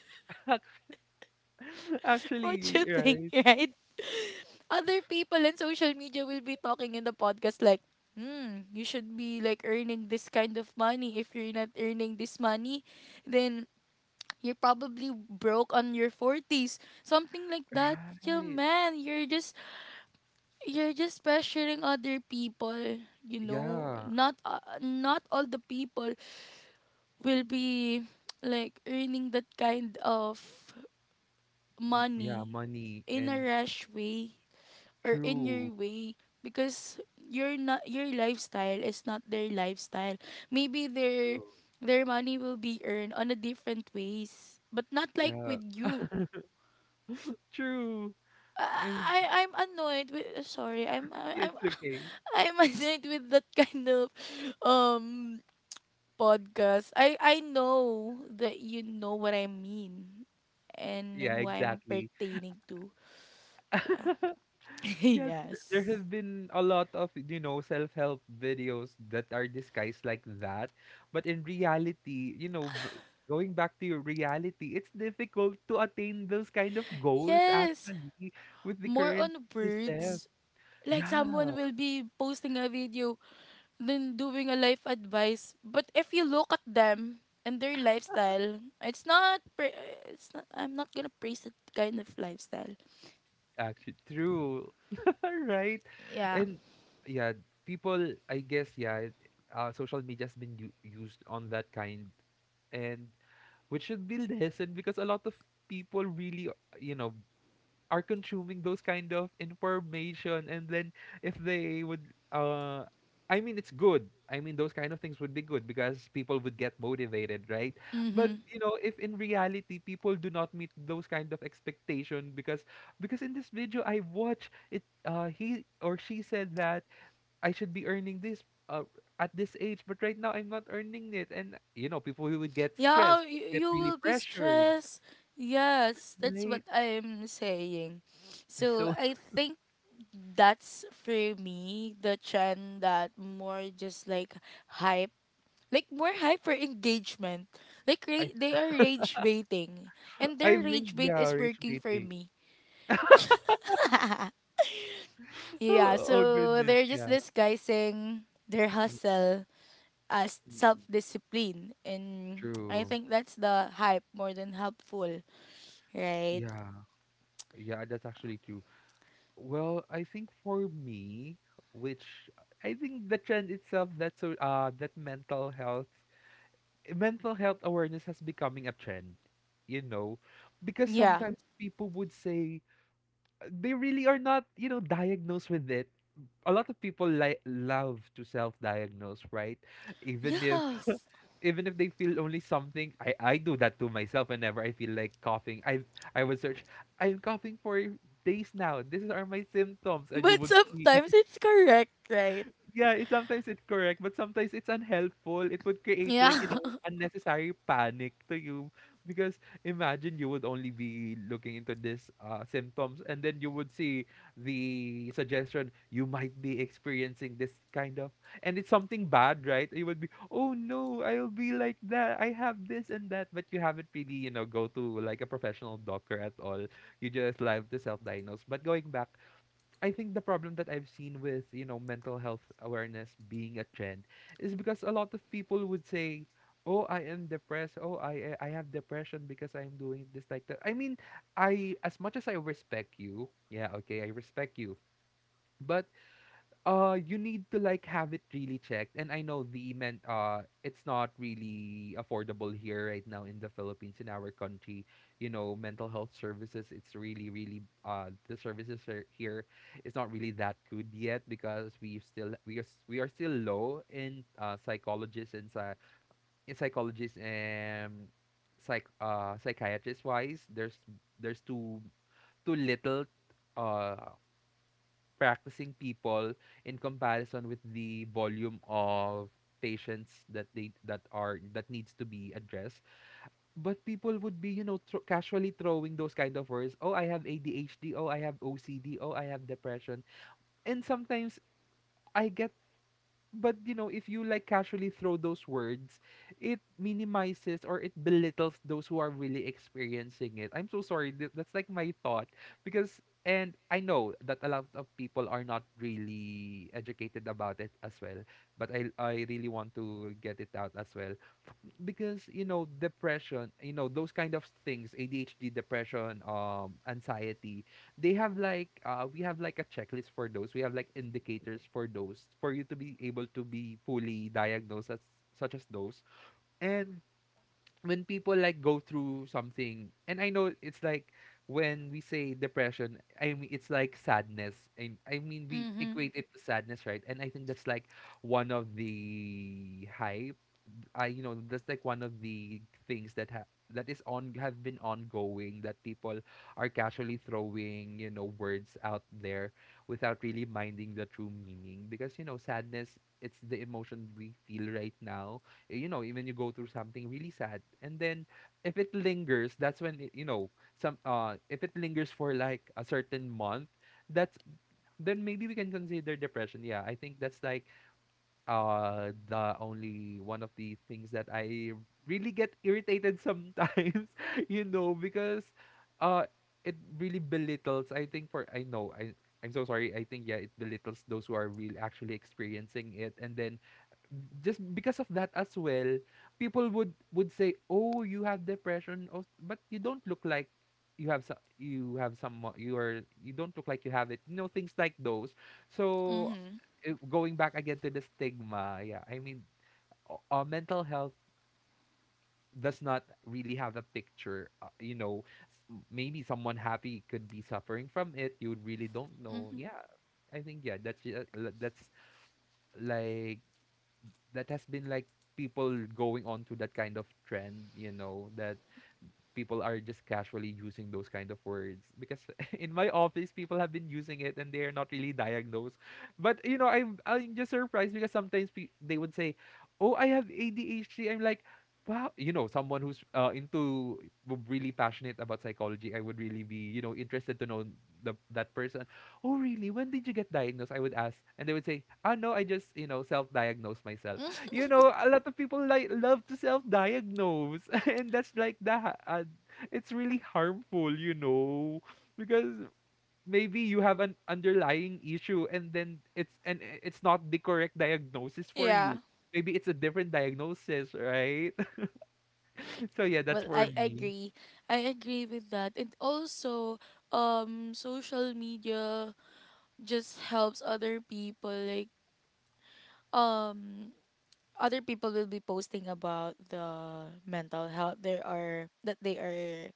Speaker 2: [laughs]
Speaker 1: [laughs] What
Speaker 2: Actually,
Speaker 1: you think,
Speaker 2: right.
Speaker 1: right? Other people in social media will be talking in the podcast like, hmm, you should be like earning this kind of money. If you're not earning this money, then you're probably broke on your 40s. Something like that. Yeah,
Speaker 2: Right.
Speaker 1: man, you're just pressuring other people, you know,
Speaker 2: Yeah.
Speaker 1: not all the people will be like earning that kind of
Speaker 2: M- Yeah,
Speaker 1: money
Speaker 2: money
Speaker 1: in a
Speaker 2: and
Speaker 1: rash way or in
Speaker 2: true,
Speaker 1: your way, because your not your lifestyle is not their lifestyle. Maybe their
Speaker 2: true.
Speaker 1: their money will be earned on a different ways but not like
Speaker 2: Yeah,
Speaker 1: with you.
Speaker 2: true. And
Speaker 1: I'm annoyed with, sorry, I'm
Speaker 2: it's okay.
Speaker 1: [laughs] I'm annoyed with that kind of um podcast. I know that you know what I mean and
Speaker 2: Yeah,
Speaker 1: who I'm
Speaker 2: exactly.
Speaker 1: pertaining to. Yeah.
Speaker 2: [laughs]
Speaker 1: [laughs]
Speaker 2: Yeah, there
Speaker 1: Yes.
Speaker 2: have been a lot of, you know, self-help videos that are disguised like that. But in reality, you know, going back to your reality, it's difficult to attain those kind of goals,
Speaker 1: Yes,
Speaker 2: actually, with the
Speaker 1: more
Speaker 2: current
Speaker 1: on
Speaker 2: system.
Speaker 1: words. Like someone
Speaker 2: Yeah.
Speaker 1: will be posting a video than doing a life advice. But if you look at them and their lifestyle, it's not. It's not. I'm not gonna praise that kind of lifestyle.
Speaker 2: Actually, true. [laughs] Right?
Speaker 1: Yeah.
Speaker 2: And yeah, people, I guess, yeah, social media's been used on that kind, and which should be [laughs] lessened, because a lot of people really, you know, are consuming those kind of information. And then if they would uh I mean, it's good. I mean, those kind of things would be good because people would get motivated, right? But
Speaker 1: Mm-hmm.
Speaker 2: you know, if in reality people do not meet those kind of expectation, because in this video I watch, it he or she said that I should be earning this, uh, at this age, but right now I'm not earning it, and you know, people who would get
Speaker 1: Yeah,
Speaker 2: stressed would
Speaker 1: you,
Speaker 2: get
Speaker 1: you
Speaker 2: really
Speaker 1: will be
Speaker 2: pressured,
Speaker 1: stressed. Yes, that's what
Speaker 2: right?
Speaker 1: I'm saying. So
Speaker 2: So
Speaker 1: I think that's for me the trend that more just like hype, like more hype for engagement. Like,
Speaker 2: I
Speaker 1: they are rage baiting, and
Speaker 2: I
Speaker 1: their
Speaker 2: think,
Speaker 1: rage bait
Speaker 2: yeah,
Speaker 1: is
Speaker 2: rage
Speaker 1: working for
Speaker 2: baiting.
Speaker 1: me.
Speaker 2: [laughs]
Speaker 1: Yeah,
Speaker 2: Oh, oh
Speaker 1: so
Speaker 2: goodness,
Speaker 1: they're just
Speaker 2: yeah.
Speaker 1: disguising their
Speaker 2: Mm,
Speaker 1: hustle as self
Speaker 2: mm.
Speaker 1: discipline. And I
Speaker 2: True.
Speaker 1: think that's the hype more than helpful, right?
Speaker 2: Yeah. Yeah, that's actually true. Well, I think for me, which I think the trend itself, thats so that mental health, awareness has becoming a trend, you know, because
Speaker 1: Yeah.
Speaker 2: sometimes people would say they really are not, you know, diagnosed with it. A lot of people like love to self-diagnose, right? Even if
Speaker 1: Yes.
Speaker 2: even if they feel only something. I do that to myself whenever I feel like coughing. I would search, I'm coughing for days now. These are my symptoms, and you
Speaker 1: But
Speaker 2: would see,
Speaker 1: sometimes it's correct, right?
Speaker 2: yeah, it sometimes it's correct, but sometimes it's unhelpful. It would create, like, you
Speaker 1: Yeah.
Speaker 2: know,
Speaker 1: [laughs]
Speaker 2: unnecessary panic to you because imagine you would only be looking into this symptoms, and then you would see the suggestion, you might be experiencing this kind of, and it's something bad, right? You would be, "Oh no, I'll be like that. I have this and that." But you haven't really, you know, go to like a professional doctor at all. You just like to self-diagnose. But going back, I think the problem that I've seen with, you know, mental health awareness being a trend, is because a lot of people would say, "Oh, I am depressed. Oh, I have depression because I am doing this like that." I mean, I as much as I respect you, yeah, okay, I respect you. But you need to like have it really checked. And I know the men it's not really affordable here right now in the Philippines, in our country. You know, mental health services, it's really, really, the services are here is not really that good yet, because we are we are still low in psychologists and psychologists and psychiatrist wise. There's too little uh practicing people in comparison with the volume of patients that they that are that needs to be addressed. But people would be, casually throwing those kind of words. "Oh, I have ADHD. Oh, I have OCD. Oh, I have depression." And sometimes I get, but you know, if you like casually throw those words, it minimizes or it belittles those who are really experiencing it. I'm so sorry, that's like my thought. Because and I know that a lot of people are not really educated about it as well, but I really want to get it out as well. Because, you know, depression, you know, those kind of things, ADHD, depression, anxiety, they have like, we have like a checklist for those, we have like indicators for those, for you to be able to be fully diagnosed as such as those. And when people like go through something, and I know it's like, when we say depression, I mean it's like sadness, and I mean we
Speaker 1: Mhm.
Speaker 2: equate it to sadness, right? And I think that's like one of the high, I, you know, that's like one of the things that that is on have been ongoing, that people are casually throwing, you know, words out there without really minding the true meaning. Because, you know, sadness, it's the emotion we feel right now. Eh, you know, even you go through something really sad, and then if it lingers, that's when you know, some if it lingers for like a certain month, that's then maybe we can consider depression. Yeah, I think that's like the only one of the things that I really get irritated sometimes, [laughs] you know, because uh it really belittles, I think, for I know I, I'm so sorry. I think, yeah, it belittles those who are really actually experiencing it. And then just because of that as well, people would say, "Oh, you have depression. Oh, but you don't look like you have some, you have some, you are, you don't look like you have it." You know, things like those. So,
Speaker 1: Mhm.
Speaker 2: eh, going back again to the stigma, yeah, I mean, mental health does not really have a picture. You know, maybe someone happy could be suffering from it. You really don't know.
Speaker 1: Mhm.
Speaker 2: Yeah, I think, yeah, that's that's like, that has been like, people going on to that kind of trend, you know, that people are just casually using those kind of words, because [laughs] in my office people have been using it and they're not really diagnosed. But you know, I'm just surprised, because sometimes they would say, "Oh, I have ADHD." I'm like, "Wow, you know, someone who's into really passionate about psychology, I would really be, you know, interested to know the that person. Oh, really? When did you get diagnosed?" I would ask, and they would say, "Ah, no, I just, you know, self-diagnosed myself."
Speaker 1: Mm,
Speaker 2: You know, a lot of people like love to self-diagnose, [laughs] and that's like that. It's really harmful, you know, because maybe you have an underlying issue, and then it's not the correct diagnosis
Speaker 1: [laughs]
Speaker 2: for
Speaker 1: yeah.
Speaker 2: you. Maybe it's a different diagnosis, right? [laughs] So yeah, that's
Speaker 1: Well,
Speaker 2: for
Speaker 1: I
Speaker 2: me.
Speaker 1: agree. I agree with that. And also, social media just helps other people, like, um other people will be posting about the mental health they are that they are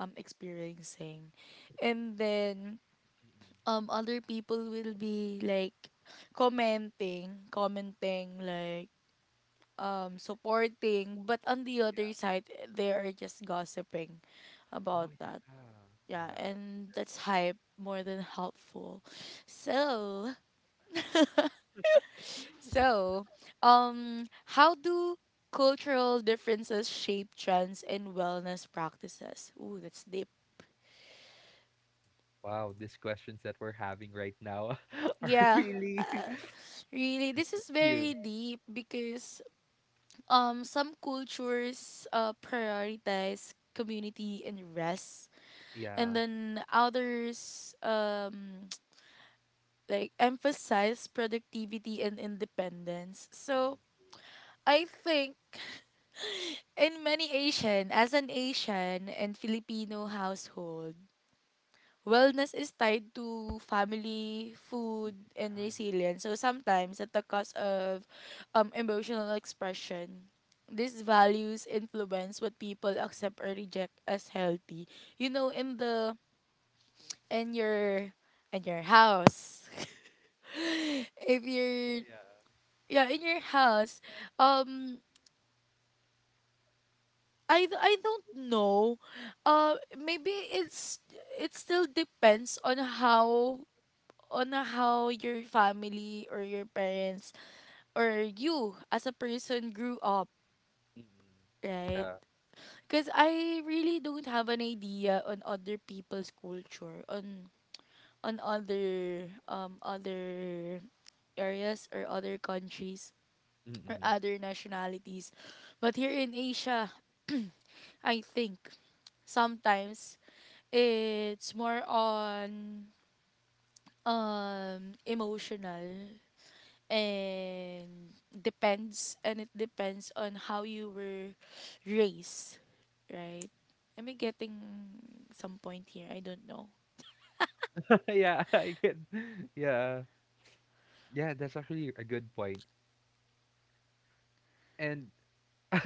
Speaker 1: experiencing, and then
Speaker 2: Mm-mm.
Speaker 1: other people will be like commenting, like, supporting, but on the other
Speaker 2: Yeah.
Speaker 1: side they are just gossiping
Speaker 2: Oh,
Speaker 1: about that.
Speaker 2: yeah.
Speaker 1: Yeah,
Speaker 2: Yeah, I think
Speaker 1: and
Speaker 2: that's
Speaker 1: that's
Speaker 2: all.
Speaker 1: hype more than helpful. so So, um, how do cultural differences shape trends and wellness practices? Ooh, that's deep.
Speaker 2: Wow, these questions that we're having right now [laughs] are
Speaker 1: Yeah,
Speaker 2: really
Speaker 1: uh, really, this is
Speaker 2: [laughs] you.
Speaker 1: very deep because some cultures prioritize community and rest, and
Speaker 2: Yeah.
Speaker 1: then others [tsk] like emphasize productivity and independence. So
Speaker 2: Mm.
Speaker 1: I think. In many Asian, as an Asian and Filipino household, wellness is tied to family, food, and
Speaker 2: Yeah.
Speaker 1: resilience. So sometimes at the cost of emotional expression. These values influence what people accept or reject as healthy. You know, in your in your house. [laughs] if you're
Speaker 2: Yeah.
Speaker 1: Yeah, in your house. um I don't know. Maybe it still depends on how your family or your parents or you as a person grew up,
Speaker 2: Mm-mm.
Speaker 1: right?
Speaker 2: Yeah.
Speaker 1: Because I really don't have an idea on other people's culture on other other areas or other countries or
Speaker 2: Mm-mm.
Speaker 1: other nationalities, but here in Asia, I think, sometimes it's more on emotional, and it depends on how you were raised, right? Am I getting some point here? I don't know.
Speaker 2: [laughs] Yeah, I can. Yeah, yeah, that's actually a good point. And [laughs]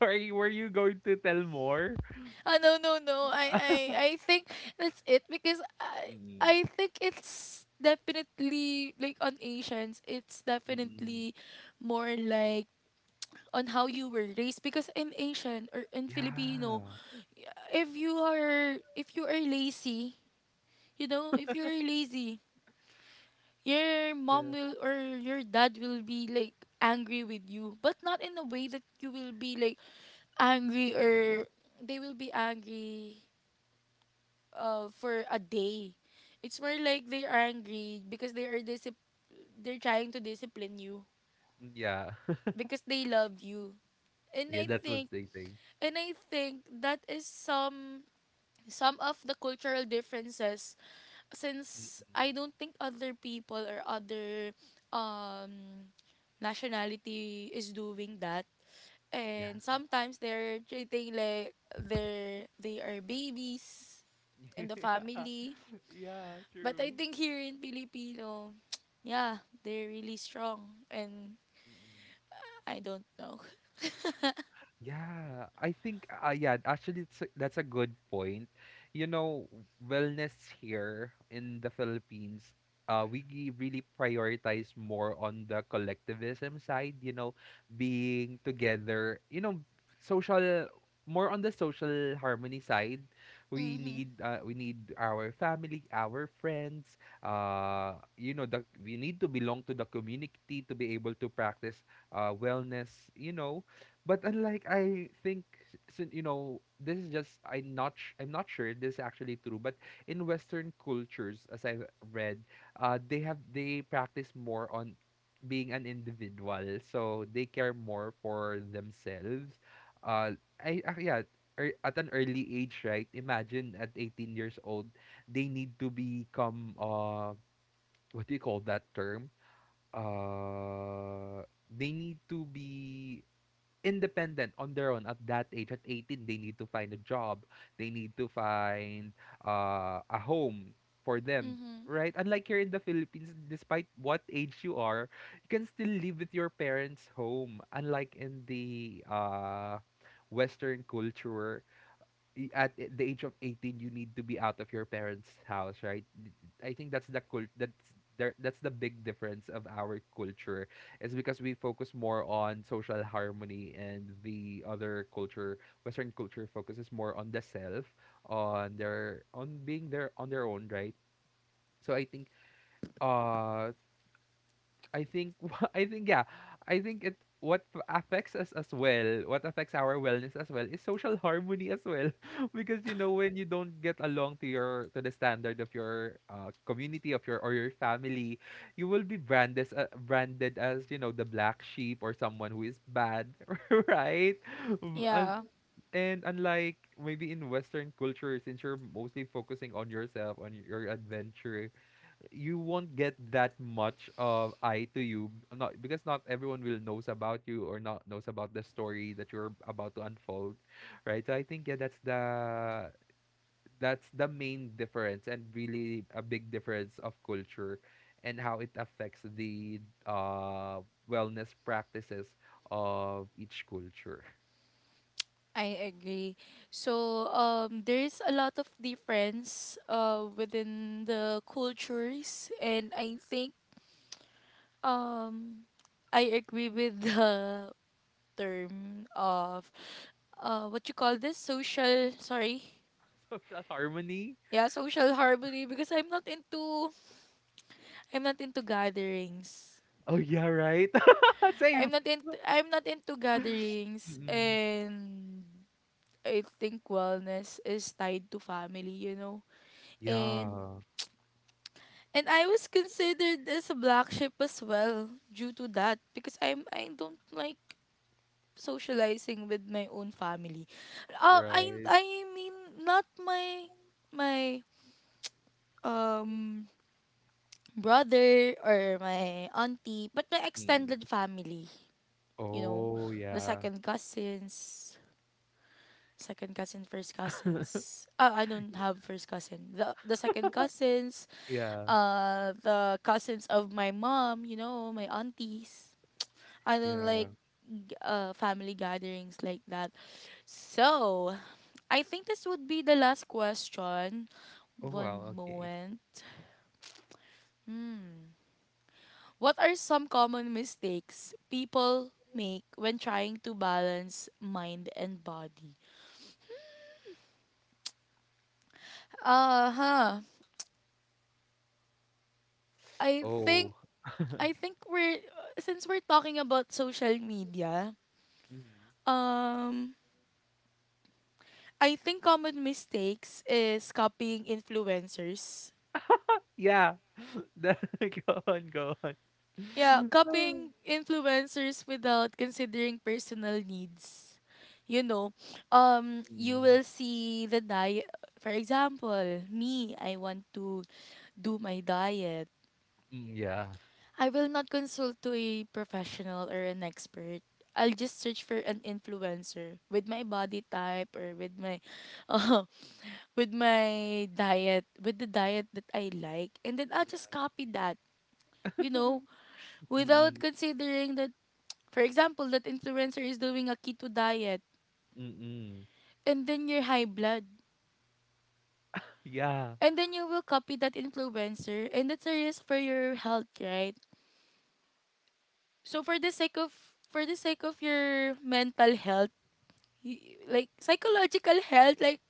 Speaker 2: sorry, were you going to tell more?
Speaker 1: Oh, no, no, no. I I
Speaker 2: [laughs]
Speaker 1: I think that's it, because I
Speaker 2: Mm-mm.
Speaker 1: think it's definitely like on Asians, it's
Speaker 2: Mm-mm.
Speaker 1: definitely more like on how you were raised, because in Asian or in Filipino,
Speaker 2: Yeah.
Speaker 1: if you are lazy, you know, if you're lazy, your mom
Speaker 2: Yeah.
Speaker 1: will or your dad will be like angry with you, but not in a way that you will be like angry, or they will be angry for a day. It's more like they're angry because they're trying to discipline you
Speaker 2: Mm, yeah, [laughs]
Speaker 1: because they love you. And
Speaker 2: yeah.
Speaker 1: I
Speaker 2: That's what
Speaker 1: think
Speaker 2: they say.
Speaker 1: and I think that is some of the cultural differences, since
Speaker 2: Mm-mm.
Speaker 1: I don't think other people or other um nationality is doing that,
Speaker 2: Yeah.
Speaker 1: and sometimes they're treating like they are babies in the
Speaker 2: [laughs] Yeah,
Speaker 1: family.
Speaker 2: yeah,
Speaker 1: But I
Speaker 2: true.
Speaker 1: think here in Filipino [tsk] yeah, they're really strong, and
Speaker 2: Mm-mm.
Speaker 1: I don't know.
Speaker 2: Yeah, I think yeah, actually it's a, that's a good point. You know, wellness here in the Philippines, really prioritize more on the collectivism side, you know, being together, you know, social, more on the social harmony side.
Speaker 1: [laughs]
Speaker 2: We
Speaker 1: Mhm.
Speaker 2: need, we need our family, our friends, you know, the we need to belong to the community to be able to practice wellness, you know. But unlike I think, you know, this is just I'm not sure if this is actually true. But in Western cultures, as I read, they practice more on being an individual, so they care more for themselves. I yeah, at an early age, right? Imagine at 18 years old, they need to become what do you call that term? Uh, they need to be independent on their own at that age. At 18 they need to find a job, they need to find a home for them,
Speaker 1: Mhm.
Speaker 2: right? Unlike here in the Philippines, despite what age you are, you can still live with your parents home, unlike in the Western culture. The age of 18 you need to be out of your parents' house, right? I think that's the cult that's there, that's the big difference of our culture, is because we focus more on social harmony, and the other culture, Western culture, focuses more on the self, on their on being their own, right? So I think uh I think [laughs] I think, yeah, I think it, affects us as well, what affects our wellness as well, is social harmony as well. [laughs] Because you know, when you don't get along to your, to the standard of your, community of your or your family, you will be branded as, you know, the black sheep, or someone who is bad, [laughs] right? And
Speaker 1: Yeah,
Speaker 2: unlike maybe in Western culture, since you're mostly focusing on yourself, on your adventure, you won't get that much of eye to you, not because, not everyone will knows about you, or not knows about the story that you're about to unfold, right? So I think, yeah, that's the, that's the main difference and really a big difference of culture and how it affects the uh wellness practices of each culture.
Speaker 1: I agree. So there is a lot of difference within the cultures, and I think, um, I agree with the term of what you call this, social. Sorry,
Speaker 2: [laughs] Social harmony.
Speaker 1: yeah, social harmony. Because I'm not into gatherings.
Speaker 2: Oh yeah, right. [laughs] Same.
Speaker 1: I'm not into gatherings,
Speaker 2: Mm-mm.
Speaker 1: and I think wellness is tied to family. You know, and
Speaker 2: Yeah,
Speaker 1: I was considered as a black sheep as well due to that, because I don't like socializing with my own family. I
Speaker 2: right.
Speaker 1: I mean not my um brother or my auntie, but my
Speaker 2: Mm.
Speaker 1: extended family, you know,
Speaker 2: Oh,
Speaker 1: the
Speaker 2: yeah.
Speaker 1: second cousins, second cousin, first
Speaker 2: [laughs]
Speaker 1: cousins. I don't have first cousin. The second cousins,
Speaker 2: Yeah.
Speaker 1: the cousins of my mom, you know, my aunties. I don't
Speaker 2: Yeah.
Speaker 1: like family gatherings like that. So, I think this would be the last question.
Speaker 2: Oh,
Speaker 1: One
Speaker 2: wow. Okay.
Speaker 1: moment. Hmm. What are some common mistakes people make when trying to balance mind and body? Uh huh. I
Speaker 2: Oh.
Speaker 1: think I think we're since we're talking about social media,
Speaker 2: Mhm.
Speaker 1: um I think common mistakes is copying influencers.
Speaker 2: Yeah. [laughs] Go on, go
Speaker 1: Yeah,
Speaker 2: on.
Speaker 1: copying
Speaker 2: [laughs]
Speaker 1: influencers without considering personal needs. You know, you
Speaker 2: Mm,
Speaker 1: will see the diet. For example, me, I want to do my diet.
Speaker 2: mm, yeah.
Speaker 1: I will not consult to a professional or an expert. I'll just search for an influencer with my body type or with my, [laughs] uh, with my diet, with the diet that I like, and then I'll just
Speaker 2: [laughs]
Speaker 1: copy that. You
Speaker 2: Yeah.
Speaker 1: know, without
Speaker 2: Mm-mm.
Speaker 1: considering that. For example, that influencer is doing a keto diet,
Speaker 2: Mm-mm.
Speaker 1: and then you're high blood.
Speaker 2: Yeah.
Speaker 1: And then you will copy that influencer, and that's a risk for your health, right? So for the sake of your mental health, like psychological health, like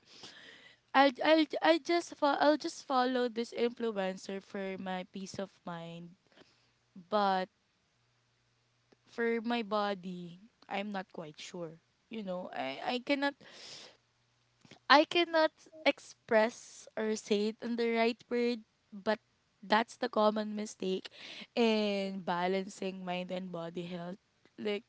Speaker 1: I'll just follow this influencer for my peace of mind, but for my body, I'm not quite sure. You know, I cannot express or say it in the right word, but that's the common mistake in balancing mind and body health. Like,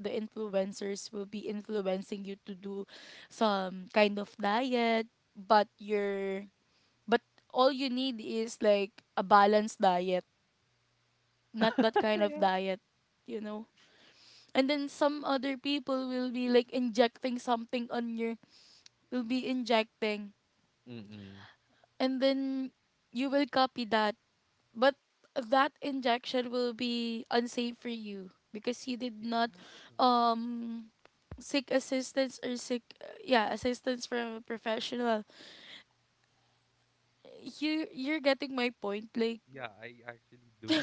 Speaker 1: the influencers will be influencing you to do some kind of diet, but all you need is like a balanced diet, not that kind of
Speaker 2: Yeah.
Speaker 1: diet, you know. And then some other people will be like injecting something on your will be injecting,
Speaker 2: Mm-mm.
Speaker 1: and then you will copy that, but that injection will be unsafe for you because you did not
Speaker 2: Yeah.
Speaker 1: um seek assistance or seek yeah, assistance from a professional. You're getting my point? Like,
Speaker 2: Yeah, I actually do.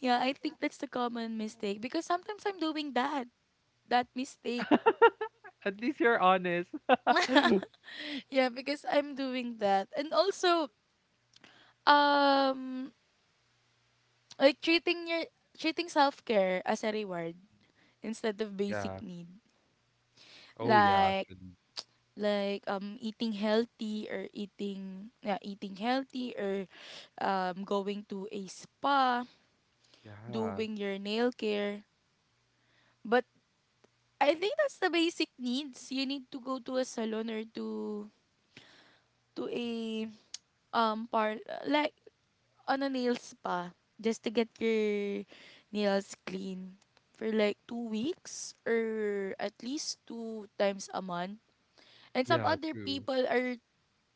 Speaker 1: yeah, I think that's the common mistake, because sometimes I'm doing that mistake.
Speaker 2: [laughs] At least you're honest.
Speaker 1: [laughs] Yeah, because I'm doing that. And also, um like, treating self-care as a reward instead of basic
Speaker 2: Yeah.
Speaker 1: need.
Speaker 2: Oh, yeah,
Speaker 1: Like,
Speaker 2: actually.
Speaker 1: eating healthy, or eating yeah, eating healthy, or going to a spa,
Speaker 2: Yeah.
Speaker 1: doing your nail care. But I think that's the basic needs. You need to go to a salon, or to a par like on a nail spa, just to get your nails clean for like 2 weeks or at least two times a month. And some
Speaker 2: Yeah,
Speaker 1: other
Speaker 2: true.
Speaker 1: people are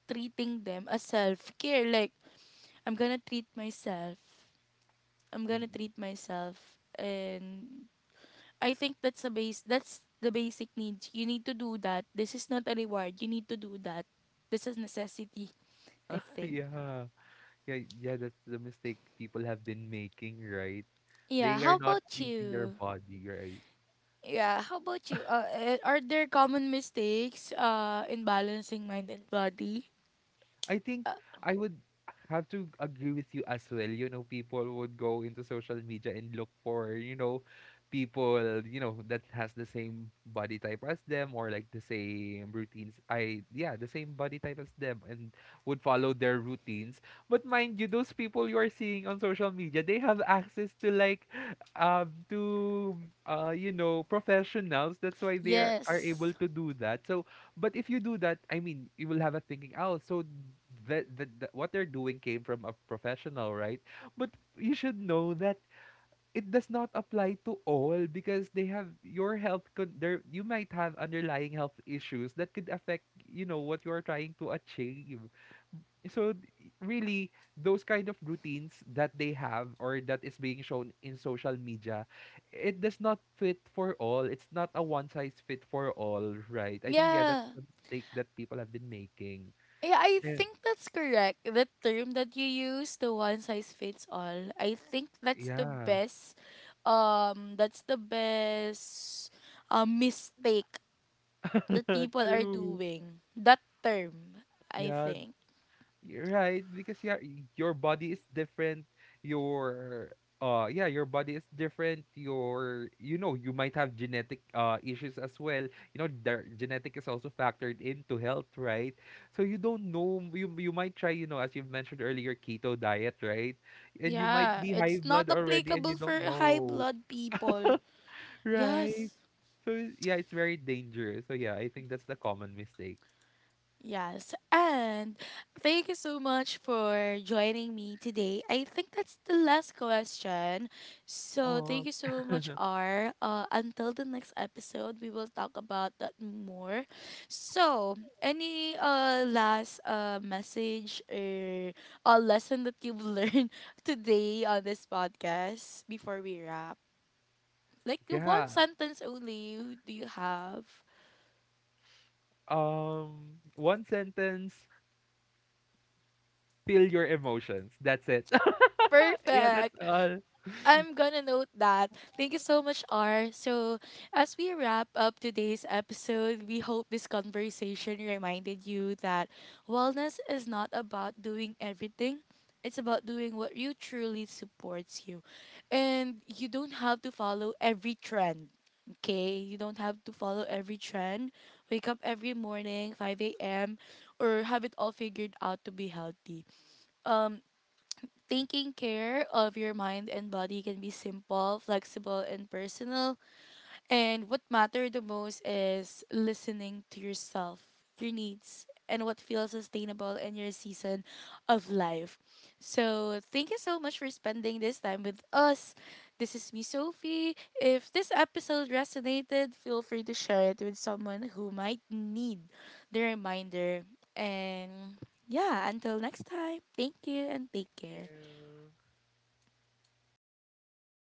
Speaker 1: treating them as self-care. Like, I'm gonna treat myself. I'm gonna
Speaker 2: Mm-mm.
Speaker 1: treat myself. And I think that's a base that's the basic needs. You need to do that. This is not a reward. You need to do that. This is necessity, I
Speaker 2: [laughs]
Speaker 1: think.
Speaker 2: Yeah. Yeah, yeah, that's the mistake people have been making, right?
Speaker 1: Yeah,
Speaker 2: They are
Speaker 1: how
Speaker 2: not
Speaker 1: about
Speaker 2: treating their
Speaker 1: you?
Speaker 2: body right.
Speaker 1: Yeah, how about you? Are there common mistakes in balancing mind and body?
Speaker 2: I think
Speaker 1: Uh,
Speaker 2: I would have to agree with you as well. You know, people would go into social media and look for, you know, people, you know, that has the same body type as them or like the same routines. I, yeah, the same body type as them, and would follow their routines. But mind you, those people you are seeing on social media, they have access to like, to, you know, professionals. That's why they are
Speaker 1: yes.
Speaker 2: able to do that. So, but if you do that, I mean, you will have a thinking, oh, so the what they're doing came from a professional, right? But you should know that it does not apply to all, because they have, your health could there, you might have underlying health issues that could affect, you know, what you are trying to achieve. so d- really, those kind of routines that they have or that is being shown in social media, it does not fit for all, it's not a one size fit for all, right? I think, yeah, that's
Speaker 1: Yeah.
Speaker 2: the mistake that people have been making.
Speaker 1: Yeah, I
Speaker 2: And
Speaker 1: think that's correct. The term that you use, the one size fits all. I think
Speaker 2: yeah,
Speaker 1: that's the best mistake that
Speaker 2: [laughs]
Speaker 1: people are
Speaker 2: true,
Speaker 1: doing. That term, I
Speaker 2: yeah.
Speaker 1: think.
Speaker 2: You're right, because yeah, your body is different. Your yeah, your body is different. Your, you know, you might have genetic issues as well. You know, the genetic is also factored into health, right? So you don't know, you might try, you know, as you've mentioned earlier, keto diet, right? And you might
Speaker 1: Yeah,
Speaker 2: be
Speaker 1: it's
Speaker 2: high blood
Speaker 1: not
Speaker 2: already and
Speaker 1: applicable
Speaker 2: you
Speaker 1: for
Speaker 2: don't
Speaker 1: high
Speaker 2: know,
Speaker 1: blood people.
Speaker 2: right?
Speaker 1: Yes.
Speaker 2: So yeah, it's very dangerous. So yeah, I think that's the common mistake.
Speaker 1: Yes, and thank you so much for joining me today. I think that's the last question. So,
Speaker 2: Oh.
Speaker 1: thank you so much,
Speaker 2: [laughs]
Speaker 1: R. Until the next episode, we will talk about that more. So, any last message or a lesson that you've learned [laughs] today on this podcast before we wrap? Like, the one
Speaker 2: Yeah.
Speaker 1: sentence only do you have?
Speaker 2: One sentence, feel your emotions. That's it. [laughs] Yeah, that's
Speaker 1: Perfect.
Speaker 2: all.
Speaker 1: I'm gonna note that. Thank you so much, R. So, as we wrap up today's episode, we hope this conversation reminded you that wellness is not about doing everything. It's about doing what you truly supports you. And you don't have to follow every trend. Okay? You don't have to follow every trend. Wake up every morning, 5 a.m., or have it all figured out to be healthy. Um, Taking care of your mind and body can be simple, flexible, and personal. And what matters the most is listening to yourself, your needs, and what feels sustainable in your season of life. So, thank you so much for spending this time with us. This is me, Sophie. If this episode resonated, feel free to share it with someone who might need the reminder. And yeah, until next time, thank you and take
Speaker 2: Thank
Speaker 1: care.
Speaker 2: you.